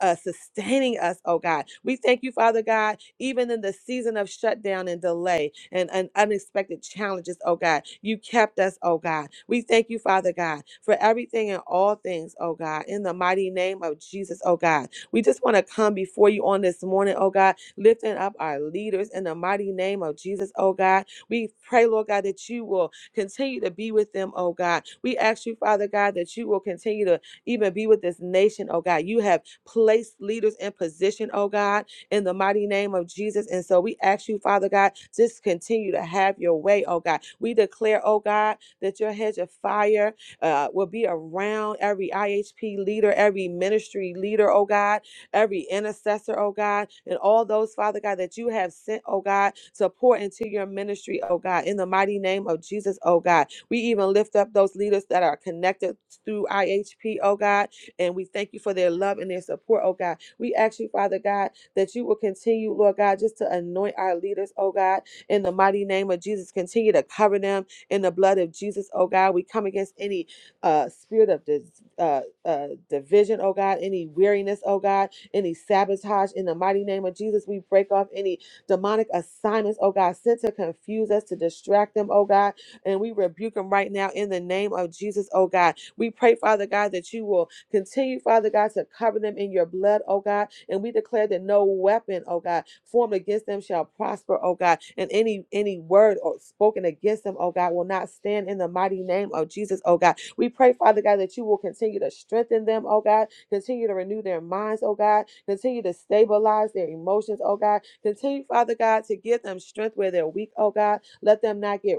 S2: uh, sustaining us, oh God. We thank you, Father God, even in the season of shutdown and delay and, and unexpected challenges, oh God. You kept us, oh God. We thank you, Father God, for everything and all things, oh God. In the mighty name of Jesus, oh God. We just want to come before you on this morning, oh God, lifting up our leaders in the mighty name of Jesus, oh God we pray, Lord God, that you will continue to be with them, oh God. We ask you, Father God, that you will continue to even be with this nation, oh God. You have placed leaders in position, oh God, in the mighty name of Jesus. And so we ask you, Father God, just continue to have your way, oh God. We declare, oh God, that your hedge of fire uh, will be around every IHP leader, every ministry leader, oh God every intercessor, oh God, and all those, Father God, that you have sent, oh God, to pour into your ministry, oh God, in the mighty name of Jesus, oh God. We even lift up those leaders that are connected through IHP, oh God, and we thank you for their love and their support, oh God. We ask you, Father God, that you will continue, Lord God, just to anoint our leaders, oh God, in the mighty name of Jesus. Continue to cover them in the blood of Jesus, oh God. We come against any uh, spirit of dis- uh, uh, division, oh God, any weariness, oh God any sabotage. In the mighty name of Jesus, we break off any demonic assignments, oh God, sent to confuse us, to distract them, oh God. And we rebuke them right now in the name of Jesus, oh God. We pray, Father God, that you will continue, Father God, to cover them in your blood, oh God. And we declare that no weapon, oh God, formed against them shall prosper, oh God. And any any word or spoken against them, oh God, will not stand in the mighty name of Jesus, oh God. We pray, Father God, that you will continue to strengthen them, oh God. Continue to renew their minds, oh God. Continue to stabilize their emotions, oh God. Continue, Father God, to give them strength where they're weak, oh God. Let them not get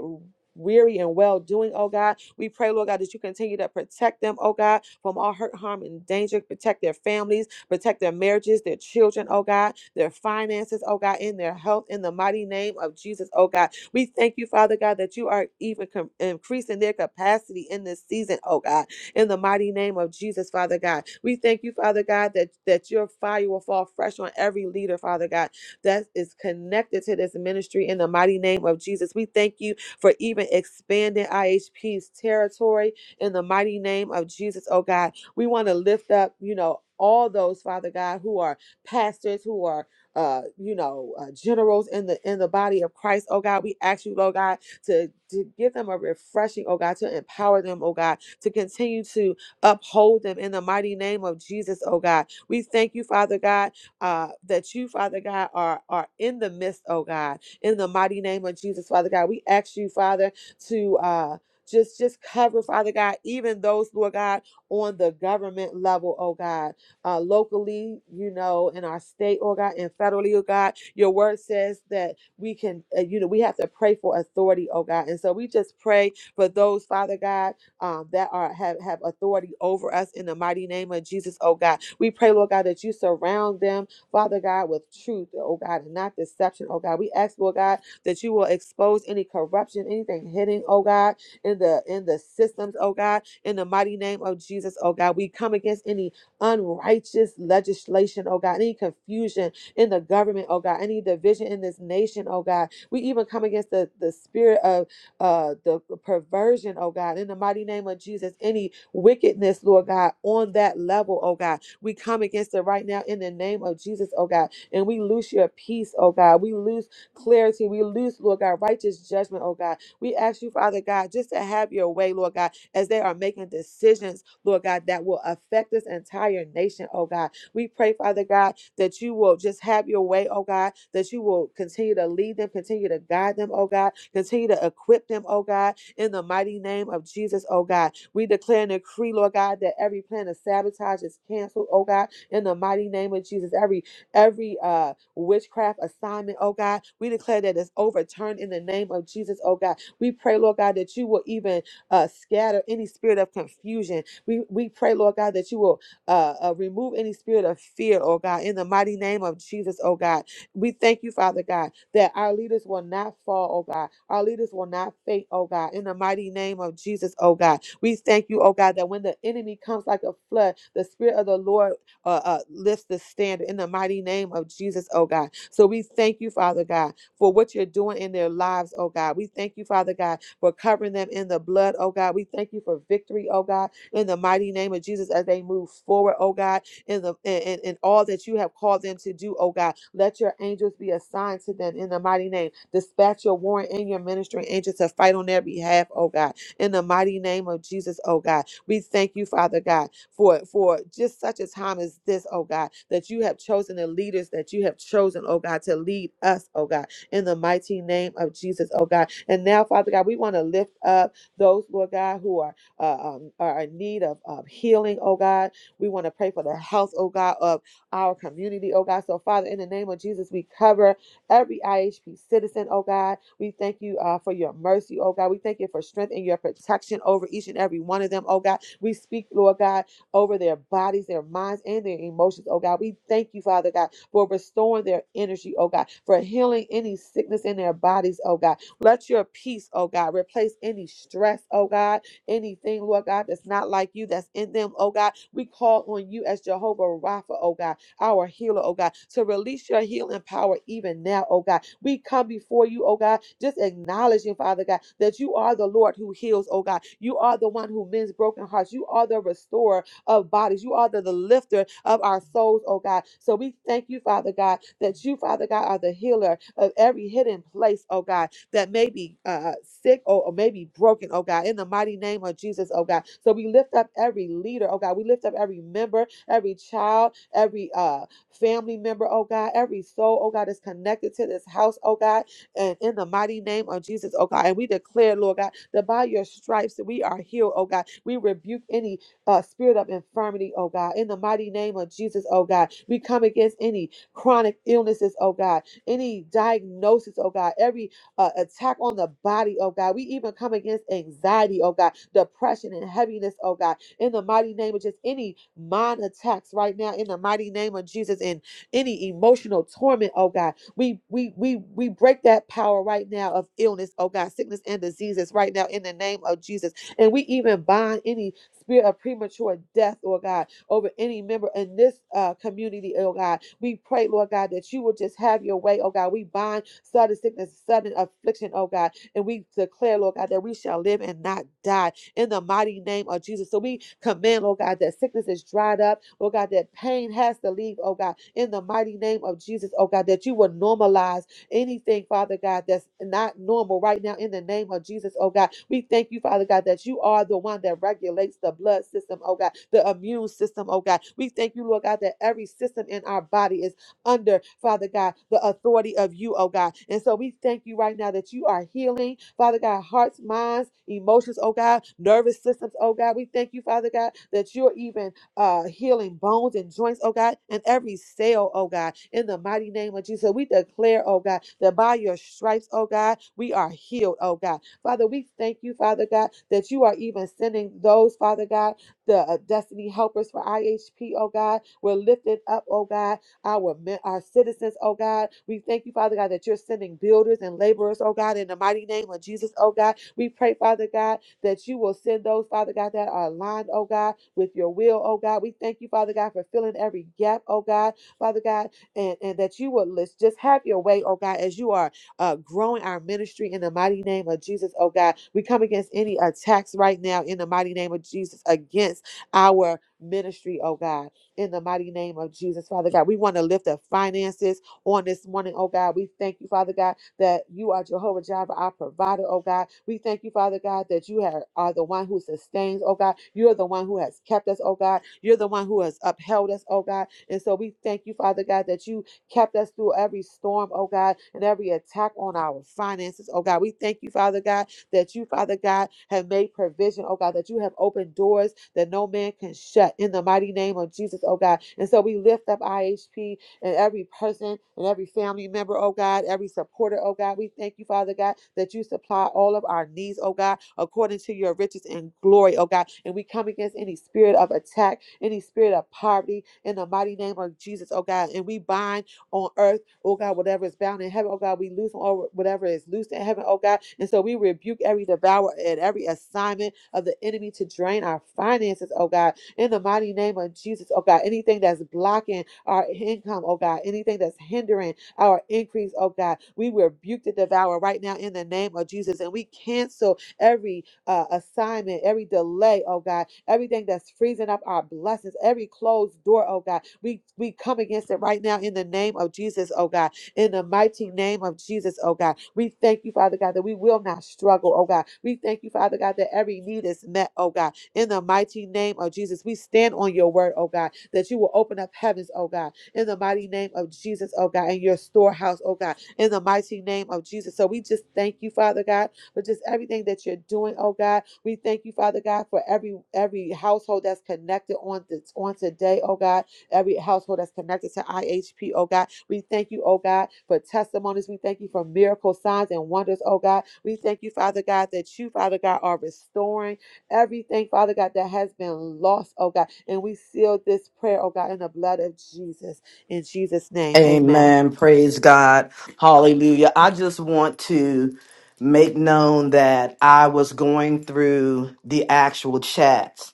S2: weary and well doing, oh God. We pray, Lord God, that you continue to protect them, oh God, from all hurt, harm, and danger. Protect their families Protect their marriages, their children, oh God, their finances, oh God, in their health, in the mighty name of Jesus, oh God. We thank you, Father God, that you are even com- increasing their capacity in this season, oh God, in the mighty name of Jesus, Father God. We thank you, Father God, that, that your fire will fall fresh on every leader, Father God, that is connected to this ministry in the mighty name of Jesus. We thank you for even expanding IHP's territory in the mighty name of Jesus, oh God. We want to lift up, you know, all those, Father God, who are pastors, who are, uh, you know, uh, generals in the in the body of Christ. Oh God, we ask you, Lord God, to to give them a refreshing. Oh God, to empower them. Oh God, to continue to uphold them in the mighty name of Jesus. Oh God, we thank you, Father God, uh, that you, Father God, are are in the midst. Oh God, in the mighty name of Jesus, Father God, we ask you, Father, to. Uh, just just cover father god even those lord god on the government level, oh God, uh, locally, you know, in our state, oh God, and federally, oh God. Your word says that we can, uh, you know, we have to pray for authority, oh God. And so we just pray for those, Father God, um, that are have, have authority over us in the mighty name of Jesus, oh God. We pray, Lord God, that you surround them, Father God, with truth, oh God, and not deception, oh God. We ask, Lord God, that you will expose any corruption, anything hidden, oh God in the in the systems, oh God, in the mighty name of Jesus, oh God. We come against any unrighteous legislation, oh God, any confusion in the government, oh God, any division in this nation, oh God. We even come against the, the spirit of uh the perversion, oh God, in the mighty name of Jesus, any wickedness, Lord God, on that level, oh God. We come against it right now in the name of Jesus, oh God. And we lose your peace, oh God. We lose clarity. We lose, Lord God, righteous judgment, oh God. We ask you, Father God, just to have your way, Lord God, as they are making decisions, Lord God, that will affect this entire nation, oh God. We pray, Father God, that you will just have your way, oh God, that you will continue to lead them, continue to guide them, oh God, continue to equip them, oh God, in the mighty name of Jesus, oh God. We declare and decree, Lord God, that every plan of sabotage is canceled, oh God, in the mighty name of Jesus. Every every uh witchcraft assignment, oh God, we declare that it's overturned in the name of Jesus, oh God we pray, Lord God, that you will even uh, scatter any spirit of confusion. We, we pray, Lord God, that you will uh, uh, remove any spirit of fear, oh God, in the mighty name of Jesus, oh God. We thank you, Father God, that our leaders will not fall, oh God. Our leaders will not faint, oh God, in the mighty name of Jesus, oh God. We thank you, oh God, that when the enemy comes like a flood, the Spirit of the Lord uh, uh, lifts the standard in the mighty name of Jesus, oh God. So we thank you, Father God for what you're doing in their lives, oh God. We thank you, Father God, for covering them in the blood, oh God. We thank you for victory, oh God, in the mighty name of Jesus as they move forward, oh God, in the in, in, in all that you have called them to do, oh God. Let your angels be assigned to them in the mighty name. Dispatch your warrant and your ministering angels to fight on their behalf, oh God. In the mighty name of Jesus, oh God. We thank you, Father God, for for just such a time as this, oh God, that you have chosen the leaders that you have chosen, oh God, to lead us, oh God in the mighty name of Jesus, oh God. And now, Father God, we want to lift up those, Lord God, who are uh, um, are in need of um, healing, oh God. We want to pray for the health, oh God, of our community, oh God. So, Father, in the name of Jesus, we cover every IHP citizen, oh God. We thank you uh, for your mercy, oh God. We thank you for strength and your protection over each and every one of them, oh God. We speak, Lord God over their bodies, their minds, and their emotions, oh God. We thank you, Father God, for restoring their energy, oh God, for healing any sickness in their bodies, oh God. Let your peace, oh God, replace any stress, oh God, anything, Lord God, that's not like you, that's in them, oh God. We call on you as Jehovah Rapha, oh God, our healer, oh God, to release your healing power even now, oh God. We come before you, oh God, just acknowledging, Father God, that you are the Lord who heals, oh God. You are the one who mends broken hearts. You are the restorer of bodies. You are the, the lifter of our souls, oh God. So we thank you, Father God, that you, Father God, are the healer of every hidden place, oh God, that may be uh, sick or, or may be broken, oh God, in the mighty name of Jesus, oh God. So we lift up every leader, oh God. We lift up every member, every child, every uh, family member, oh God, every soul, oh God, is connected to this house, oh God, and in the mighty name of Jesus, oh God. And we declare, Lord God, that by your stripes that we are healed, oh God. We rebuke any uh, spirit of infirmity, oh God. In the mighty name of Jesus, oh God, we come against any chronic illnesses, oh God, any diagnosis, oh God, every uh, attack on the body, oh God. We even come against anxiety, oh God, depression and heaviness, oh God. In the mighty name of just any mind attacks right now, in the mighty name of Jesus, and any emotional torment, oh God. We we we we break that power right now of illness, oh God, sickness and diseases right now in the name of Jesus. And we even bind any spirit of premature death, Lord God, over any member in this uh, community, oh God. We pray, Lord God, that you will just have your way, oh God. We bind sudden sickness, sudden affliction, oh God. And we declare, Lord God, that we shall live and not die in the mighty name of Jesus. So we command, Lord God, that sickness is dried up, Lord God, that pain has to leave, oh God, in the mighty name of Jesus, oh God, that you will normalize anything, Father God, that's not normal right now in the name of Jesus, oh God. We thank you, Father God, that you are the one that regulates the blood system, oh God, the immune system, oh God. We thank you, Lord God, that every system in our body is under, Father God, the authority of you, oh God. And so we thank you right now that you are healing, Father God, hearts, minds, emotions, oh God, nervous systems, oh God. We thank you, Father God, that you're even uh, healing bones and joints, oh God, and every cell, oh God, in the mighty name of Jesus. We declare, oh God, that by your stripes, oh God, we are healed, oh God. Father, we thank you, Father God, that you are even sending those, Father God, the uh, destiny helpers for IHP, oh God. We're lifted up, oh God, our, our citizens, oh God. We thank you, Father God, that you're sending builders and laborers, oh God, in the mighty name of Jesus, oh God. We pray, Father God, that you will send those, Father God, that are aligned, oh God, with your will, oh God. We thank you, Father God, for filling every gap, oh God, Father God, and, and that you will let's just have your way, oh God, as you are uh, growing our ministry in the mighty name of Jesus, oh God. We come against any attacks right now in the mighty name of Jesus against our ministry, oh God in the mighty name of Jesus, Father God. We want to lift up finances on this morning, oh God. We thank you, Father God, that you are Jehovah Jireh, our provider, oh God. We thank you, Father God, that you are, are the one who sustains, oh God. You are the one who has kept us, oh God. You're the one who has upheld us, oh God. And so we thank you, Father God, that you kept us through every storm, oh God, and every attack on our finances, oh God. We thank you, Father God, that you, Father God, have made provision, oh God, that you have opened doors that no man can shut in the mighty name of Jesus, oh God. And so we lift up IHP and every person and every family member, oh God, every supporter, oh God. We thank you, Father God, that you supply all of our needs, oh God, according to your riches and glory, oh God. And we come against any spirit of attack, any spirit of poverty in the mighty name of Jesus, oh God. And we bind on earth Oh God, whatever is bound in heaven, oh God, we loosen or whatever is loosed in heaven, oh God. And so we rebuke every devourer and every assignment of the enemy to drain our finances, oh God. In the mighty name of Jesus, oh God, anything that's blocking our income, oh God, anything that's hindering our increase, oh God, we rebuke the devourer right now in the name of Jesus. And we cancel every uh, assignment, every delay, oh God, everything that's freezing up our blessings, every closed door, oh God. We we come against it right now in the name of Jesus, oh God. In the mighty name of Jesus, oh God. We thank you, Father God, that we will not struggle, oh God. We thank you, Father God, that every need is met, oh God. In the mighty name of Jesus, we stand on your word, oh God, that you will open up heavens, oh God. In the mighty name of Jesus, oh God, in your storehouse, oh God. In the mighty name of Jesus. So we just thank you, Father God but just everything that you're doing, oh God. We thank you, Father God, for every every household that's connected on this on today, oh God. Every household that's connected to IHP, oh God. We thank you, oh God, for testimonies. We thank you for miracle signs and wonders, oh God. We thank you, Father God, that you, Father God, are restoring everything, Father God, that has been lost, oh God. And we seal this prayer, oh God, in the blood of Jesus. In Jesus' name, amen.
S1: Amen. Praise God. Hallelujah. I just want to make known that I was going through the actual chats.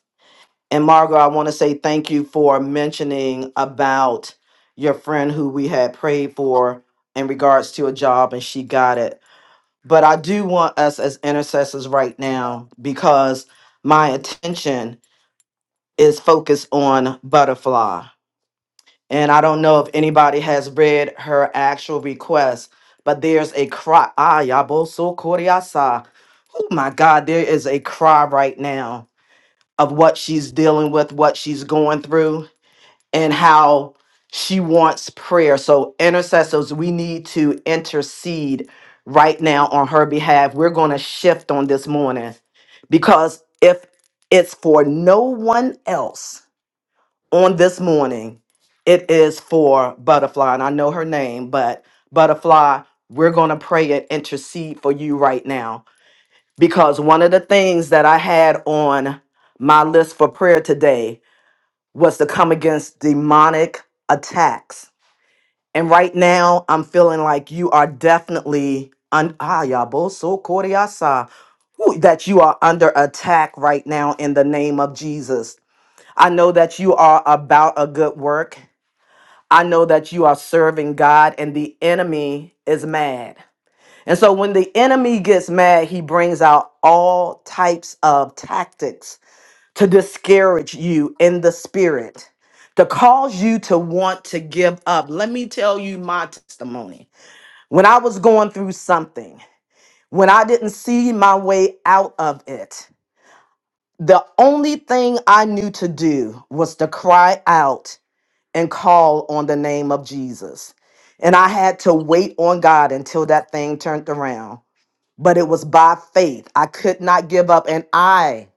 S1: And Margot, I want to say thank you for mentioning about your friend who we had prayed for in regards to a job and she got it. But I do want us as intercessors right now because my attention is focused on butterfly and I don't know if anybody has read her actual request, but there's a cry. Ah, yaboso koryasa. Oh my God, there is a cry right now of what she's dealing with, what she's going through, and how she wants prayer. So, intercessors, we need to intercede right now on her behalf. We're going to shift on this morning because if it's for no one else, on this morning, it is for Butterfly, and I know her name, but Butterfly, we're going to pray and intercede for you right now because one of the things that I had on my list for prayer today was to come against demonic attacks. And right now, I'm feeling like you are definitely un- ah, ya bo so koriasa, woo, that you are under attack right now in the name of Jesus. I know that you are about a good work I know that you are serving God and the enemy is mad. And so when the enemy gets mad, he brings out all types of tactics to discourage you in the spirit, to cause you to want to give up. Let me tell you my testimony. When I was going through something, when I didn't see my way out of it, the only thing I knew to do was to cry out and call on the name of Jesus. And I had to wait on God until that thing turned around. But it was by faith. I could not give up. And I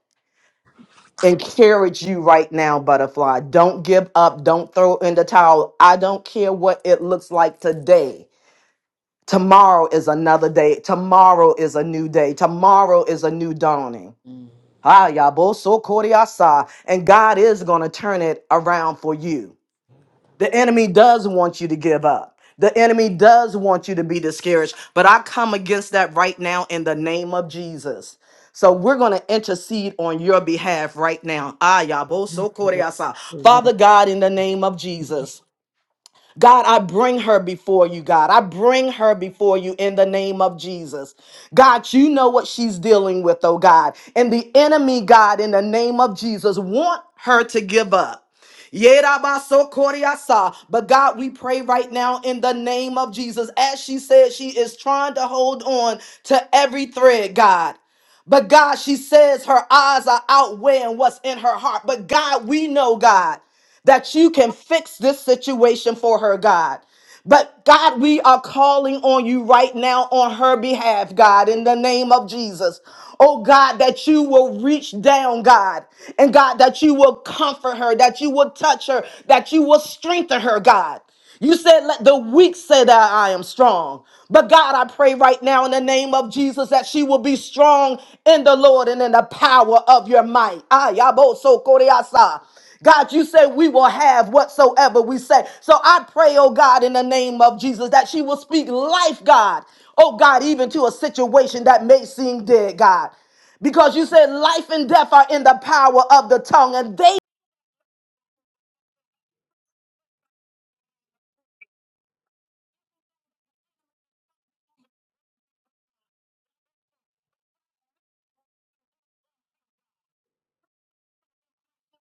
S1: encourage you right now, Butterfly, don't give up. Don't throw in the towel. I don't care what it looks like today. Tomorrow is another day. Tomorrow is a new day. Tomorrow is a new dawning. Ah, yabo so koriasa. And God is going to turn it around for you. The enemy does want you to give up. The enemy does want you to be discouraged, but I come against that right now in the name of Jesus. So we're going to intercede on your behalf right now. Ayabosokoreasa. Father God, in the name of Jesus. God, I bring her before you, God. I bring her before you in the name of Jesus. God, you know what she's dealing with, oh God. And the enemy, God, in the name of Jesus, want her to give up. Yerabasokoriasa. But God, we pray right now in the name of Jesus. As she said, she is trying to hold on to every thread, God. But God, she says her eyes are outweighing what's in her heart. But God, we know, God that you can fix this situation for her, God. But God, we are calling on you right now on her behalf, God, in the name of Jesus. Oh God, that you will reach down, God, and God, that you will comfort her, that you will touch her, that you will strengthen her, God. You said, let the weak say that I am strong. But God, I pray right now in the name of Jesus that she will be strong in the Lord and in the power of your might. Ah, yabo so koreasa. God, you say we will have whatsoever we say. So I pray, oh God, in the name of Jesus, that she will speak life, God. Oh God, even to a situation that may seem dead, God. Because you said life and death are in the power of the tongue, and they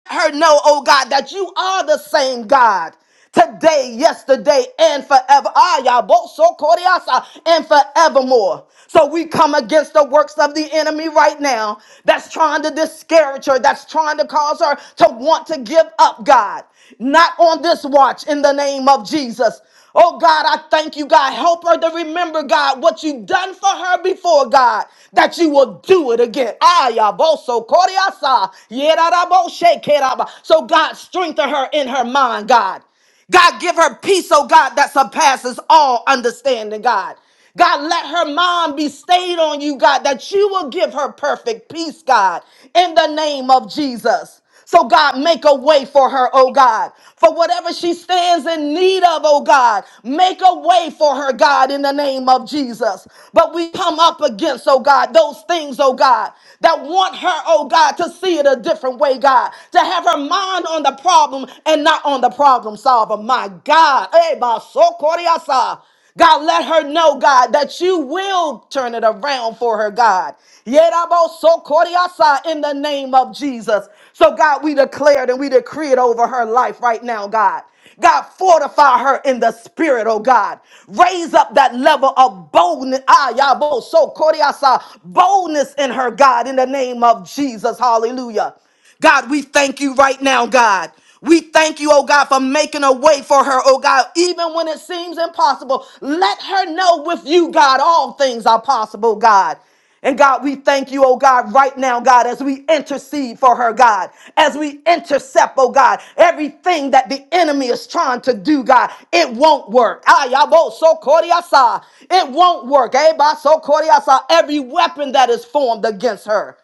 S1: let her know, oh God, that you are the same God. today, yesterday, and forever. Ah, Yaboso koriasa, and forevermore. So we come against the works of the enemy right now that's trying to discourage her, that's trying to cause her to want to give up, God. Not on this watch in the name of Jesus. Oh God, I thank you, God. Help her to remember, God, what you've done for her before, God, that you will do it again. Ayaboso koriasa, yerarabo shekeraba. So God, strengthen her in her mind, God. God, give her peace, oh God, that surpasses all understanding, God. God, let her mind be stayed on you, God, that you will give her perfect peace, God, in the name of Jesus. So, God, make a way for her, oh God, for whatever she stands in need of, oh God, make a way for her, God, in the name of Jesus. But we come up against, oh God, those things, oh God, that want her, oh God, to see it a different way, God, to have her mind on the the problem and not on the problem solver. My God. Eh, ba, so basokoriasa. God, let her know, God, that you will turn it around for her, God. Yerabo so Yerabosokoriasa, In the name of Jesus. So, God, we declared and we decree it over her life right now, God. God, fortify her in the spirit, oh God. Raise up that level of boldness. Ah, yabo, so koriasa, boldness in her, God, in the name of Jesus. Hallelujah. God, we thank you right now, God. We thank you, oh God, for making a way for her, oh God, even when it seems impossible. Let her know with you, God, all things are possible, God. And God, we thank you, oh God, right now, God, as we intercede for her, God, as we intercept, oh God, everything that the enemy is trying to do, God, it won't work. Ay, abo, so koriasa. It won't work. Eh, ba, so koriasa. Every weapon that is formed against her.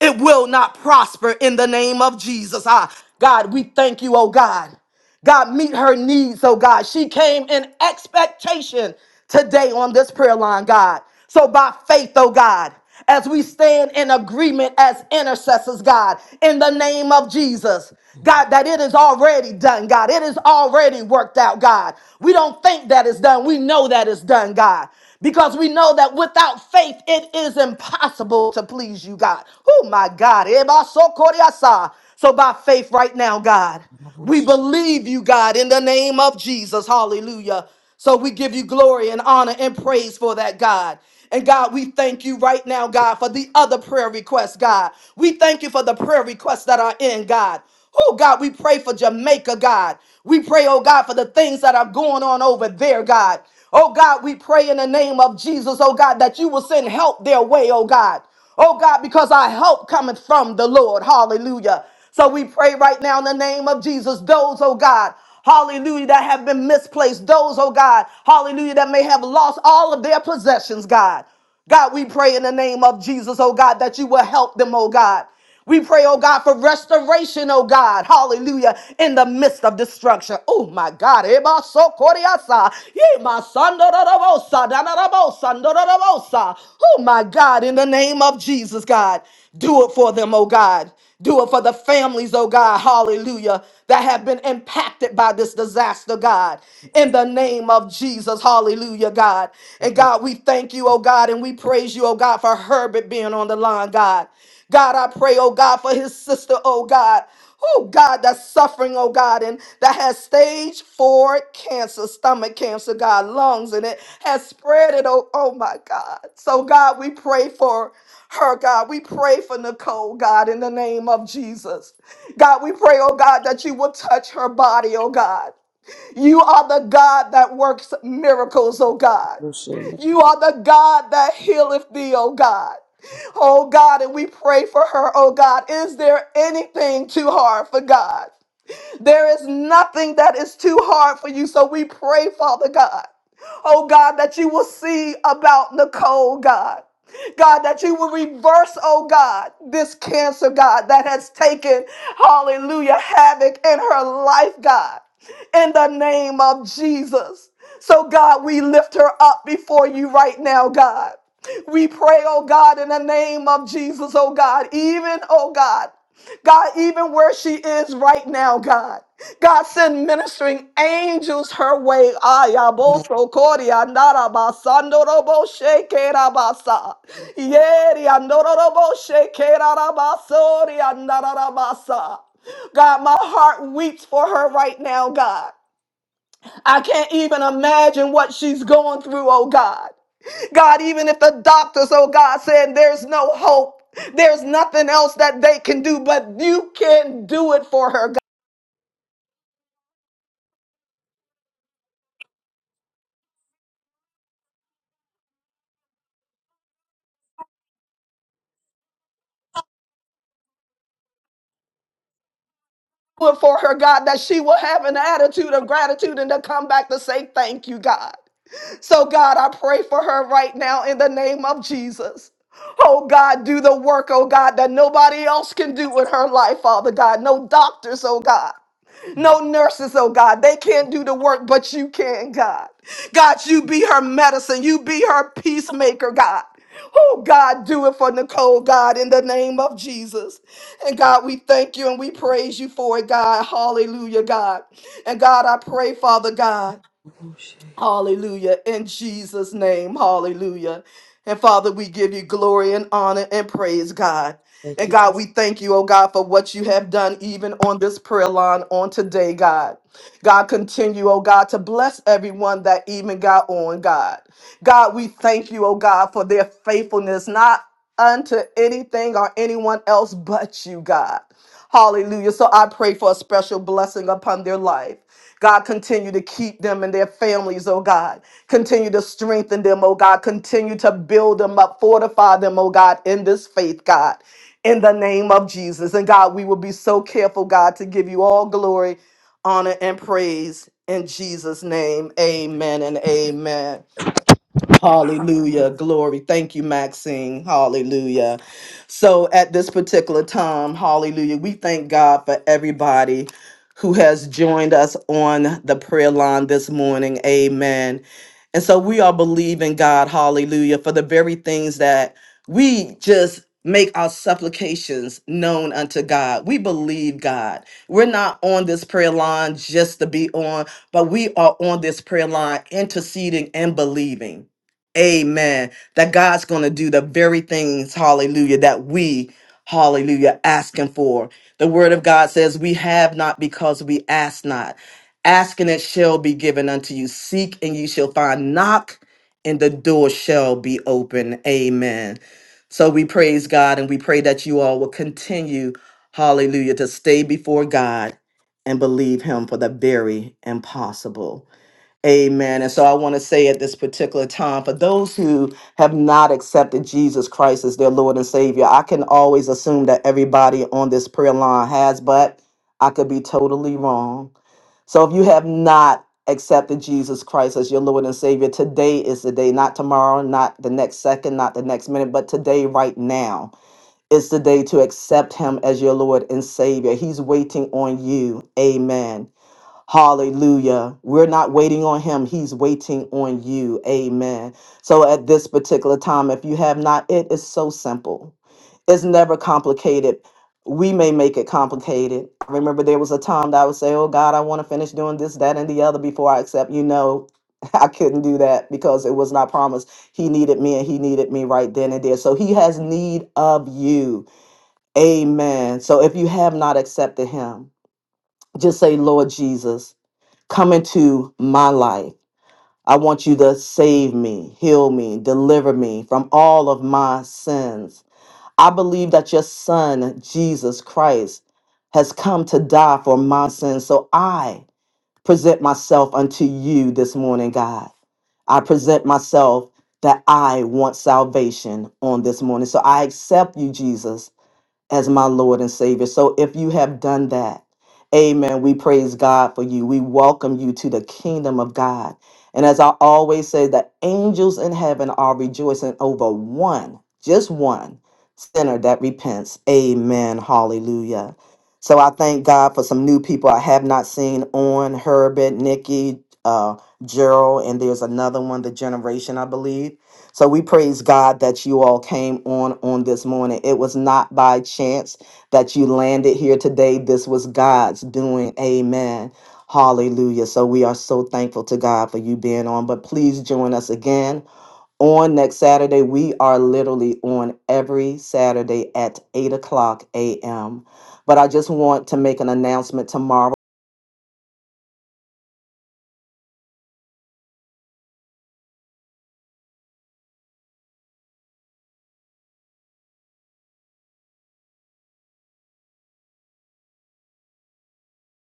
S1: It will not prosper in the name of Jesus. Ah, God, we thank you, oh God. God, meet her needs, oh God. She came in expectation today on this prayer line, God. So by faith, oh God, as we stand in agreement as intercessors, God, in the name of Jesus. God, that it is already done, God. It is already worked out, God. We don't think that it's done. We know that it's done, God. Because we know that without faith, it is impossible to please you, God. Oh, my God. Ebasokoriasa. So by faith right now, God. We believe you, God, in the name of Jesus. Hallelujah. So we give you glory and honor and praise for that, God. And God, we thank you right now, God, for the other prayer requests, God. We thank you for the prayer requests that are in, God. Oh, God, we pray for Jamaica, God. We pray, oh, God, for the things that are going on over there, God. Oh, God, we pray in the name of Jesus, oh, God, that you will send help their way, oh, God. Oh God, because our help cometh from the Lord. Hallelujah. So we pray right now in the name of Jesus, those, oh God, hallelujah, that have been misplaced, those, oh God, hallelujah, that may have lost all of their possessions, God. God, we pray in the name of Jesus, oh God, that you will help them, oh God. We pray, oh God, for restoration, oh God. Hallelujah. In the midst of destruction. Oh my God. Eba so koriasa. Ye ma sando do do bo sa, da na do do do bo sa. Oh my God. In the name of Jesus, God. Do it for them, oh God. Do it for the families, oh God, hallelujah, that have been impacted by this disaster, God, in the name of Jesus, hallelujah, God. And God, we thank you, oh God, and we praise you, oh God, for Herbert being on the line, God. God, I pray, oh God, for his sister, oh God. Oh God, that's suffering, oh God, and that has stage four cancer, stomach cancer, God, lungs, and it has spread it, oh, oh my God. So God, we pray for her, God. We pray for Nicole, God, in the name of Jesus. God, we pray, oh God, that you will touch her body, oh God. You are the God that works miracles, oh God. You are the God that healeth thee, oh God. Oh God, and we pray for her, oh God. Is there anything too hard for God? There is nothing that is too hard for you. So we pray, Father God, oh God, that you will see about Nicole, God. God, that you will reverse, oh God, this cancer, God, that has taken, hallelujah, havoc in her life, God, in the name of Jesus. So, God, we lift her up before you right now, God. We pray, oh God, in the name of Jesus, oh God, even, oh God. God, even where she is right now, God. God send ministering angels her way. Ayaboso koria naraba sandorobo shekerabasa. Yeri andorobo shekerabasori andarabasa. God, my heart weeps for her right now, God. I can't even imagine what she's going through, oh God. God, even if the doctors, oh God, said there's no hope, there's nothing else that they can do, but you can do it for her, God. Do it for her, God, that she will have an attitude of gratitude and to come back to say thank you, God. So, God, I pray for her right now in the name of Jesus. Oh God, do the work, oh God, that nobody else can do in her life, Father God. No doctors, oh God. No nurses, oh God. They can't do the work, but you can, God. God, you be her medicine. You be her peacemaker, God. Oh, God, do it for Nicole, God, in the name of Jesus. And God, we thank you and we praise you for it, God. Hallelujah, God. And God, I pray, Father God. Hallelujah. In Jesus' name. Hallelujah. And Father, we give you glory and honor and praise, God.
S2: Thank
S1: And
S2: you,
S1: God, we thank you, oh God, for what you have done even on this prayer line on today, God. God, continue, oh God, to bless everyone that even got on, God. God, we thank you, oh God, for their faithfulness, not unto anything or anyone else but you, God. Hallelujah. So I pray for a special blessing upon their life. God, continue to keep them and their families, oh God. Continue to strengthen them, oh God. Continue to build them up, fortify them, oh God, in this faith, God, in the name of Jesus. And God, we will be so careful, God, to give you all glory, honor, and praise in Jesus' name. Amen and amen. Hallelujah. Glory. Thank you, Maxine. Hallelujah. So at this particular time, hallelujah, we thank God for everybody who has joined us on the prayer line this morning. Amen. And so we are believing God, hallelujah, for the very things that we just make our supplications known unto God. We believe God. We're not on this prayer line just to be on, but we are on this prayer line interceding and believing. Amen. That God's going to do the very things, hallelujah, that we, hallelujah, asking for. The word of God says, We have not because we ask not. Asking it shall be given unto you. Seek and you shall find. Knock and the door shall be open. Amen. So we praise God and we pray that you all will continue, hallelujah, to stay before God and believe Him for the very impossible. Amen. And so I want to say at this particular time, for those who have not accepted Jesus Christ as their Lord and Savior, I can always assume that everybody on this prayer line has, but I could be totally wrong. So if you have not accepted Jesus Christ as your Lord and Savior, today is the day, not tomorrow, not the next second, not the next minute, but today, right now, is the day to accept Him as your Lord and Savior. He's waiting on you. Amen. Hallelujah. We're not waiting on him. He's waiting on you. Amen. So at this particular time, if you have not, it is so simple. It's never complicated. We may make it complicated. I remember there was a time that I would say, Oh God, I want to finish doing this, that, and the other before I accept. You know, I couldn't do that because it was not promised. He needed me and he needed me right then and there. So he has need of you. Amen. So if you have not accepted him, just say, Lord Jesus come into my life. I want you to save me, heal me, deliver me from all of my sins. I believe that your son, Jesus Christ, has come to die for my sins. So I present myself unto you this morning, God. I present myself that I want salvation on this morning. So I accept you, Jesus, as my Lord and Savior. So if you have done that, amen, we praise God for you. We welcome you to the kingdom of God. And as I always say, the angels in heaven are rejoicing over one, just one sinner that repents. Amen. Hallelujah. So I thank God for some new people I have not seen on Herbert, Nikki, uh, Gerald, and there's another one, the generation, I believe. So we praise God that you all came on on this morning. It was not by chance that you landed here today. This was God's doing. Amen. Hallelujah. So we are so thankful to God for you being on. But please join us again on next Saturday. We are literally on every Saturday at 8 o'clock a.m. But I just want to make an announcement tomorrow.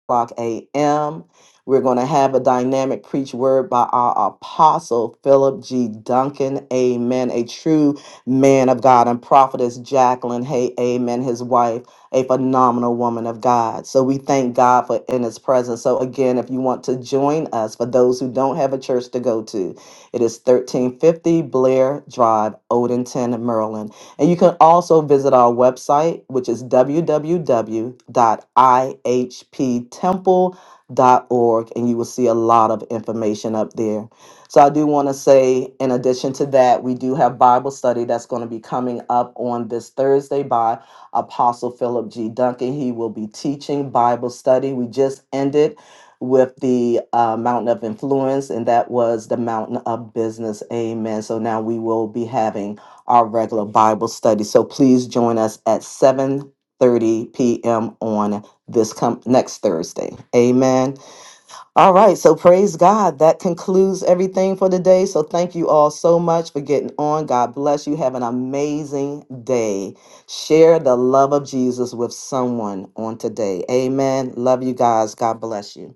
S1: o'clock a.m. We're going to have a dynamic preach word by our apostle, Philip G. Duncan. Amen. A true man of God and prophetess Jacqueline. Hay. amen. His wife, a phenomenal woman of God. So we thank God for in his presence. So again, if you want to join us, for those who don't have a church to go to, it is 1350 Blair Drive, Odenton, Maryland. And you can also visit our website, which is www.ihptemple.org, and you will see a lot of information up there. So, I do want to say, in addition to that, we do have Bible study that's going to be coming up on this Thursday by Apostle Philip G. Duncan. He will be teaching Bible study. We just ended with the uh, mountain of influence, and that was the mountain of business. Amen. So, now we will be having our regular Bible study. So please join us at 7:30 p.m. on this com- next Thursday. Amen. All right, so praise God. That concludes everything for today. So thank you all so much for getting on. God bless you. Have an amazing day. Share the love of Jesus with someone on today. Amen. Love you guys. God bless you.